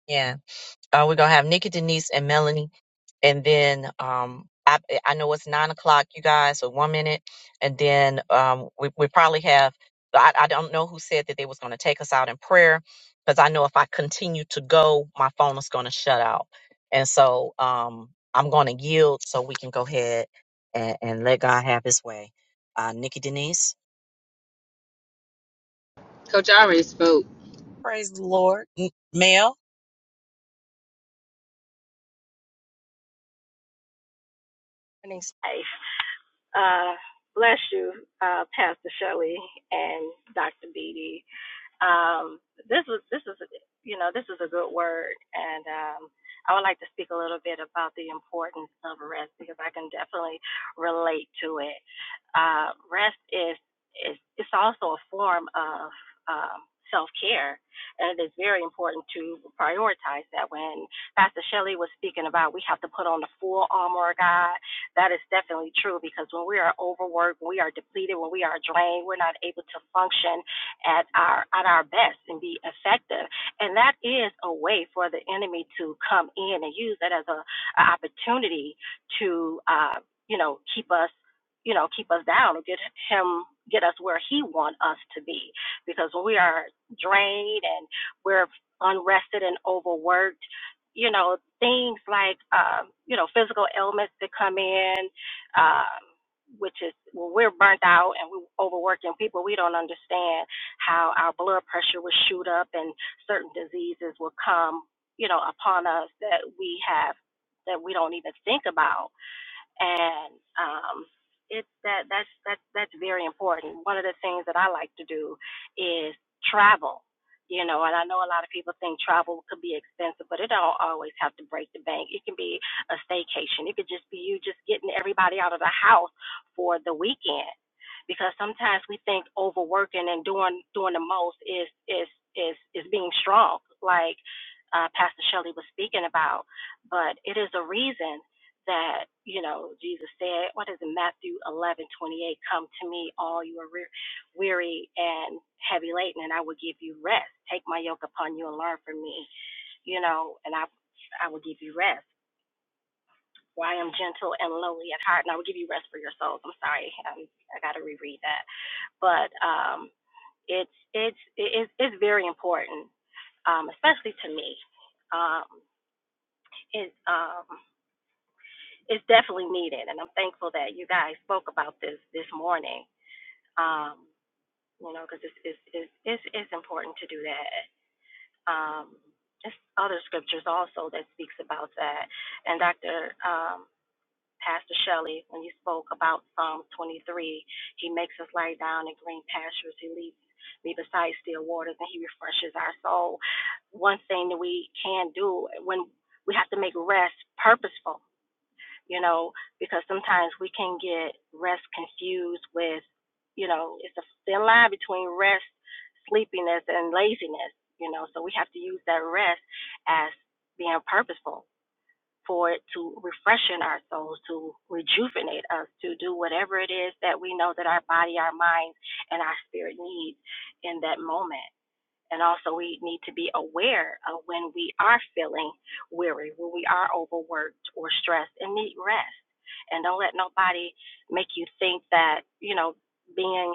[SPEAKER 2] yeah. Uh, we're gonna have Nikki Denise and Melanie. and then um I, I know it's nine o'clock, you guys, so one minute, and then um we, we probably have I, I don't know who said that they was going to take us out in prayer because I know if I continue to go, my phone is going to shut out, and so um I'm going to yield so we can go ahead and, and let God have His way. Uh, Nikki Denise,
[SPEAKER 9] Coach, I already spoke.
[SPEAKER 2] Praise the Lord. M- Mel,
[SPEAKER 10] life. Uh, bless you, uh, Pastor Shelley and Dr. Beatty. Um, this was this is you know this is a good word, and um, I would like to speak a little bit about the importance of rest because I can definitely relate to it. Uh, rest is, is it's also a form of um, self care, and it is very important to prioritize that. When Pastor Shelley was speaking about we have to put on the full armor of God, that is definitely true because when we are overworked, when we are depleted, when we are drained, we're not able to function at our at our best and be effective, and that is a way for the enemy to come in and use that as a, a opportunity to. Uh, you know, keep us you know, keep us down or get him get us where he want us to be. Because when we are drained and we're unrested and overworked, you know, things like um, you know, physical ailments that come in, um, which is when we're burnt out and we're overworking people, we don't understand how our blood pressure will shoot up and certain diseases will come, you know, upon us that we have that we don't even think about and um, it that that's that's that's very important. One of the things that I like to do is travel. You know, and I know a lot of people think travel could be expensive, but it don't always have to break the bank. It can be a staycation. It could just be you just getting everybody out of the house for the weekend. Because sometimes we think overworking and doing doing the most is is is is being strong, like uh, Pastor Shelley was speaking about. But it is a reason that you know Jesus said, what is it, Matthew eleven twenty eight? Come to me, all you are weary and heavy laden, and I will give you rest. Take my yoke upon you and learn from me, you know, and I I will give you rest. For I am gentle and lowly at heart, and I will give you rest for your souls. I'm sorry, um, I got to reread that, but um, it's it's it's it's very important, um, especially to me. Um, it um it's definitely needed, and I'm thankful that you guys spoke about this this morning. Um, you know, because it's it's, it's it's it's important to do that. Um, there's other scriptures also that speaks about that. And Dr. Um, Pastor Shelley, when you spoke about Psalm 23, He makes us lie down in green pastures. He leads me beside still waters, and He refreshes our soul. One thing that we can do when we have to make rest purposeful you know, because sometimes we can get rest confused with, you know, it's a thin line between rest, sleepiness, and laziness, you know, so we have to use that rest as being purposeful for it to refreshen our souls, to rejuvenate us, to do whatever it is that we know that our body, our mind, and our spirit needs in that moment. And also, we need to be aware of when we are feeling weary, when we are overworked or stressed, and need rest. And don't let nobody make you think that you know being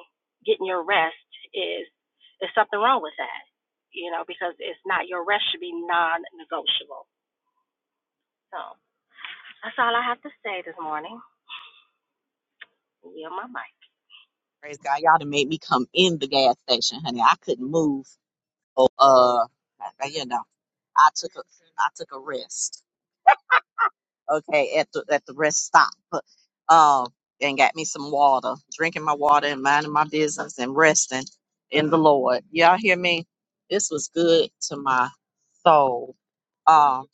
[SPEAKER 10] getting your rest is is something wrong with that. You know, because it's not your rest should be non-negotiable. So that's all I have to say this morning. Yield my mic.
[SPEAKER 2] praise God. Y'all done made me come in the gas station, honey. I couldn't move. Oh, uh, you know. I took a I took a rest. Okay, at the at the rest stop. Um and got me some water, drinking my water and minding my business and resting in the Lord. Y'all hear me? This was good to my soul. Um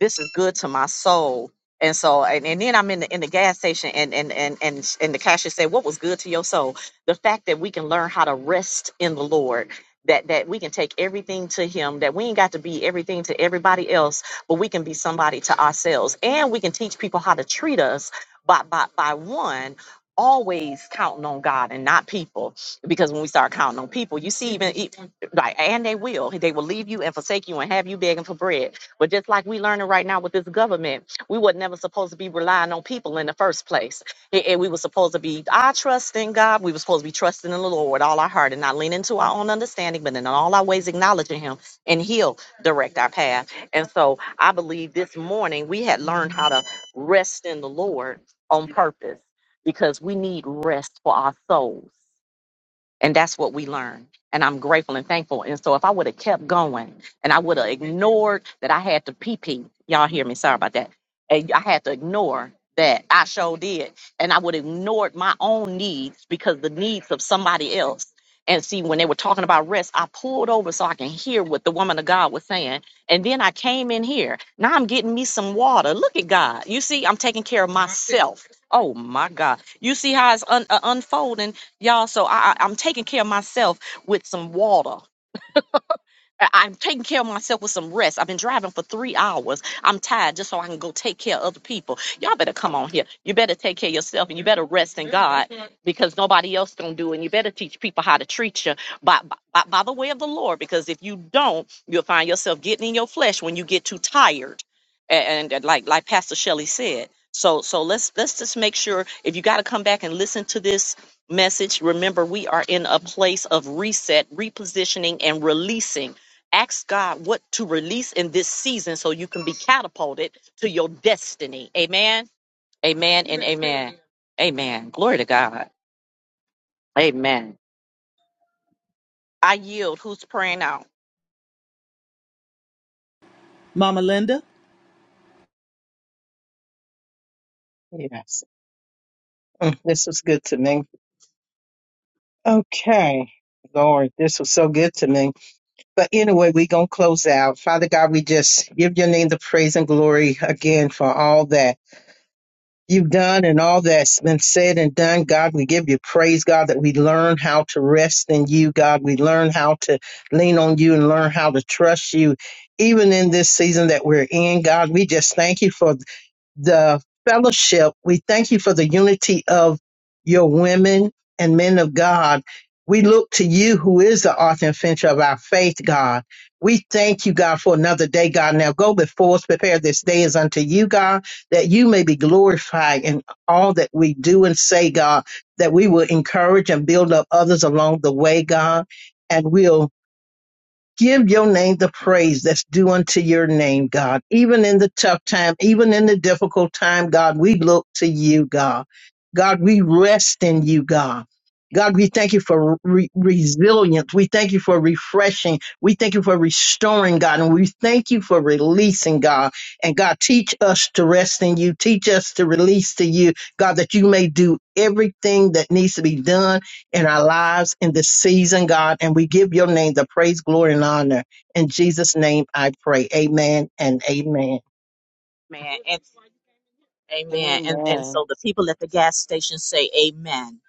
[SPEAKER 2] this is good to my soul. And so, and, and then I'm in the in the gas station, and and and and and the cashier said, "What was good to your soul? The fact that we can learn how to rest in the Lord." That, that we can take everything to him that we ain't got to be everything to everybody else but we can be somebody to ourselves and we can teach people how to treat us by by, by one always counting on god and not people because when we start counting on people you see even e- like and they will they will leave you and forsake you and have you begging for bread but just like we learning right now with this government, we were never supposed to be relying on people in the first place. And and we were supposed to be, I trust in God. We were supposed to be trusting in the Lord with all our heart and not leaning to our own understanding, but in all our ways acknowledging Him and He'll direct our path. And so I believe this morning we had learned how to rest in the Lord on purpose because we need rest for our souls. And that's what we learned. And I'm grateful and thankful. And so if I would have kept going and I would have ignored that I had to pee pee, y'all hear me, sorry about that. And I had to ignore that I sure did. And I would have ignored my own needs because the needs of somebody else. And see, when they were talking about rest, I pulled over so I can hear what the woman of God was saying. And then I came in here. Now I'm getting me some water. Look at God. You see, I'm taking care of myself. Oh my God. You see how it's un- uh, unfolding y'all. So I, I- I'm taking care of myself with some water. I- I'm taking care of myself with some rest. I've been driving for three hours. I'm tired just so I can go take care of other people. Y'all better come on here. You better take care of yourself and you better rest in God because nobody else gonna do it. And you better teach people how to treat you by, by by the way of the Lord. Because if you don't, you'll find yourself getting in your flesh when you get too tired. A- And, and like like Pastor Shelley said. So so let's let's just make sure if you gotta come back and listen to this message, remember we are in a place of reset, repositioning, and releasing Ask God what to release in this season so you can be catapulted to your destiny. Amen. Amen and amen. Amen. Glory to God. Amen. I yield. Who's praying out?
[SPEAKER 7] Mama Linda?
[SPEAKER 5] Yes. Mm, This was good to me. Okay. Lord, this was so good to me. But anyway, we're going to close out. Father God, we just give your name the praise and glory again for all that. you've done and all that's been said and done. God, we give you praise, God, that we learn how to rest in you, God. We learn how to lean on you and learn how to trust you. Even in this season that we're in, God, we just thank you for the fellowship. We thank you for the unity of your women and men of God. We look to you, who is the author and finisher of our faith, God. We thank you, God, for another day, God. Now go before us, prepare this day as unto you, God, that you may be glorified in all that we do and say, God, that we will encourage and build up others along the way, God, and we'll Give your name the praise that's due unto your name, God. Even in the tough time, even in the difficult time, God, we look to you, God. God, we rest in you, God. God, we thank you for re- resilience. We thank you for refreshing. We thank you for restoring, God. And we thank you for releasing, God. And God, teach us to rest in you. Teach us to release to you, God, that you may do everything that needs to be done in our lives in this season, God. And we give your name the praise, glory, and honor. In Jesus' name I pray. Amen and amen.
[SPEAKER 2] Man. And, amen. And, and
[SPEAKER 1] Amen.
[SPEAKER 2] so the people at the gas station say amen.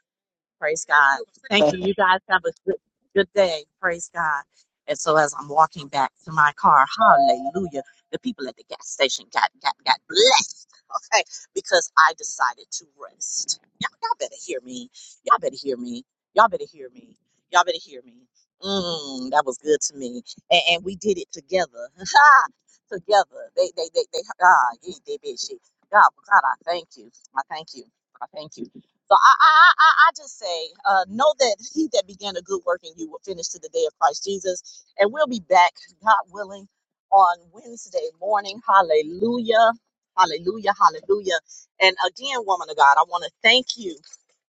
[SPEAKER 2] Praise God. Thank you. You guys have a good, good day. Praise God. And so as I'm walking back to my car, hallelujah, the people at the gas station got got got blessed. <laughs> Okay, because I decided to rest. Y'all, y'all better hear me. Y'all better hear me. Y'all better hear me. Y'all better hear me. Mm, that was good to me. And, and we did it together. <laughs> together. They they they they ah, yeah, they bitchy. God, God, I thank you. I thank you. I thank you. So I, I, I, I just say, uh, know that he that began a good work in you will finish to the day of Christ Jesus. And we'll be back, God willing, on Wednesday morning. Hallelujah. Hallelujah. Hallelujah. And again, woman of God, I want to thank you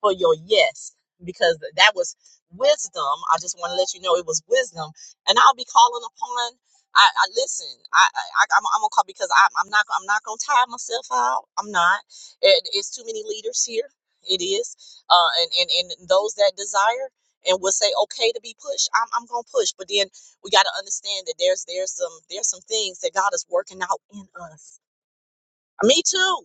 [SPEAKER 2] for your yes because that was wisdom. I just want to let you know it was wisdom, and I'll be calling upon. I, I listen. I, I I'm, I'm gonna call because I, I'm not I'm not gonna tire myself out. I'm not. It, it's too many leaders here. It is, uh, and and and those that desire and will say okay to be pushed. I'm I'm gonna push, but then we got to understand that there's there's some there's some things that God is working out in us. Me too.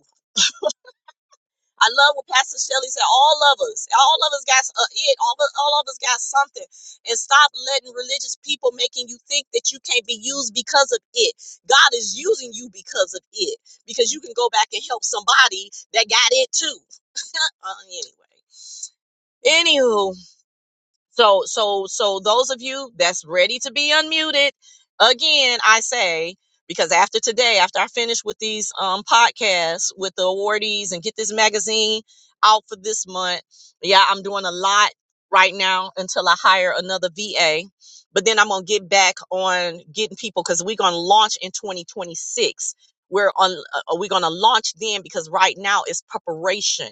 [SPEAKER 2] I love what Pastor Shelley said. All of us, all of us got uh, it. All of, all of us got something. And stop letting religious people making you think that you can't be used because of it. God is using you because of it, because you can go back and help somebody that got it too. Uh, anyway, anywho, so, so, so those of you that's ready to be unmuted, again, I say, because after today, after I finish with these um, podcasts with the awardees and get this magazine out for this month, yeah, I'm doing a lot right now until I hire another VA. But then I'm going to get back on getting people because we're going to launch in 2026. We're on, uh, we're going to launch then because right now it's preparation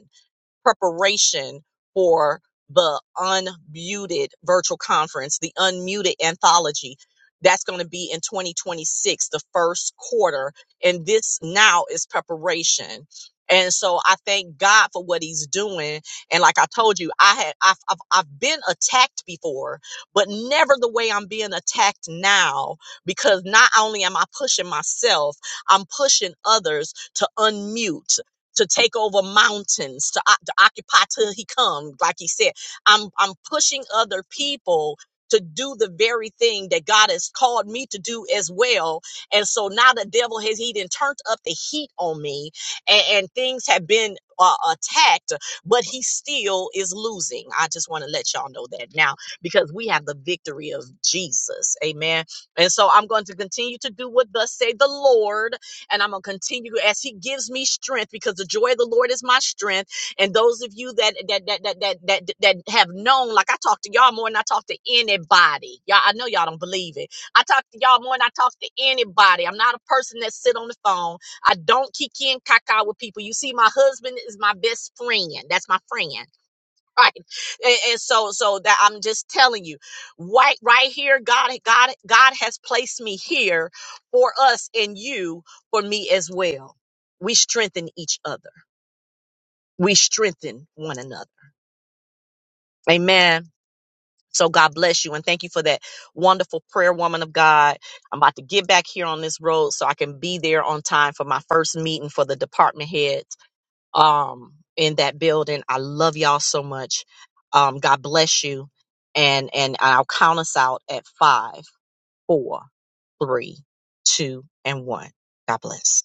[SPEAKER 2] preparation for the unmuted virtual conference, the unmuted anthology. That's going to be in 2026, the first quarter. And this now is preparation. And so I thank God for what he's doing. And like I told you, I had I've, I've, I've been attacked before, but never the way I'm being attacked now, because not only am I pushing myself, I'm pushing others to unmute to take over mountains, to, o- to occupy till he comes. Like he said, I'm I'm pushing other people to do the very thing that God has called me to do as well. And so now the devil has he done turned up the heat on me, and, and things have been uh, attacked, but he still is losing. I just want to let y'all know that now because we have the victory of Jesus. Amen. And so I'm going to continue to do what thus say the Lord and I'm going to continue as He gives me strength because the joy of the Lord is my strength. And those of you that that that that that that, that have known, like I talk to y'all more than I talk to anybody. Y'all, I know y'all don't believe it. I talk to y'all more than I talk to anybody. I'm not a person that sit on the phone. I don't kick in caca with people. You see, my husband is my best friend. That's my friend right and, and so so that i'm just telling you right right here god god god has placed me here for us and you for me as well we strengthen each other we strengthen one another amen so god bless you and thank you for that wonderful prayer woman of god i'm about to get back here on this road so i can be there on time for my first meeting for the department head um, in that building. I love y'all so much. Um, God bless you. And and I'll count us out at five, four, three, two, and one. God bless.